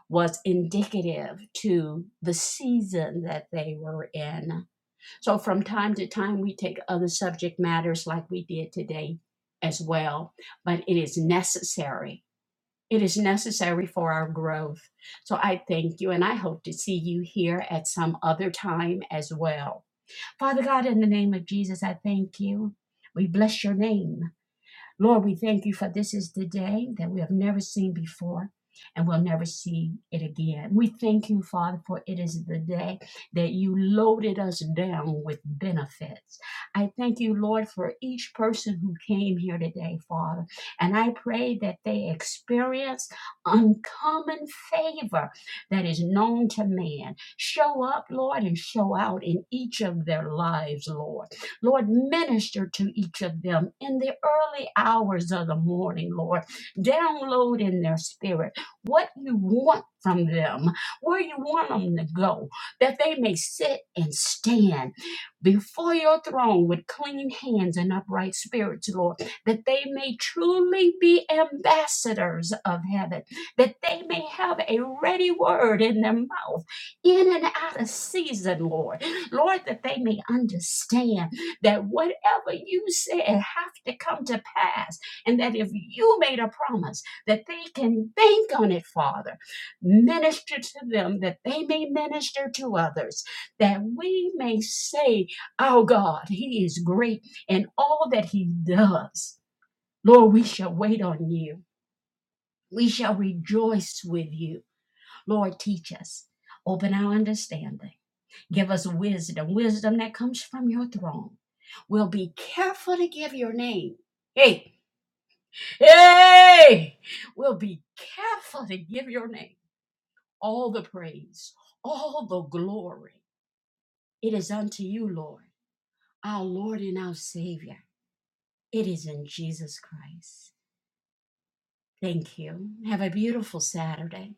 [SPEAKER 1] was indicative to the season that they were in. So, from time to time, we take other subject matters like we did today as well, but it is necessary it is necessary for our growth. So I thank you and I hope to see you here at some other time as well. Father God, in the name of Jesus, I thank you. We bless your name. Lord, we thank you for this is the day that we have never seen before and we'll never see it again. We thank you, Father, for it is the day that you loaded us down with benefits. I thank you, Lord, for each person who came here today, Father. And I pray that they experience uncommon favor that is known to man. Show up, Lord, and show out in each of their lives, Lord. Lord, minister to each of them in the early hours of the morning, Lord. Download in their spirit what you want from them, where you want them to go, that they may sit and stand before your throne with clean hands and upright spirits, Lord, that they may truly be ambassadors of heaven, that they may have a ready word in their mouth, in and out of season, Lord. Lord, that they may understand that whatever you said have to come to pass and that if you made a promise that they can bank on it father minister to them that they may minister to others that we may say our god he is great and all that he does lord we shall wait on you we shall rejoice with you lord teach us open our understanding Give us wisdom, wisdom that comes from your throne. We'll be careful to give your name. Hey, hey, we'll be careful to give your name all the praise, all the glory. It is unto you, Lord, our Lord and our Savior. It is in Jesus Christ. Thank you. Have a beautiful Saturday.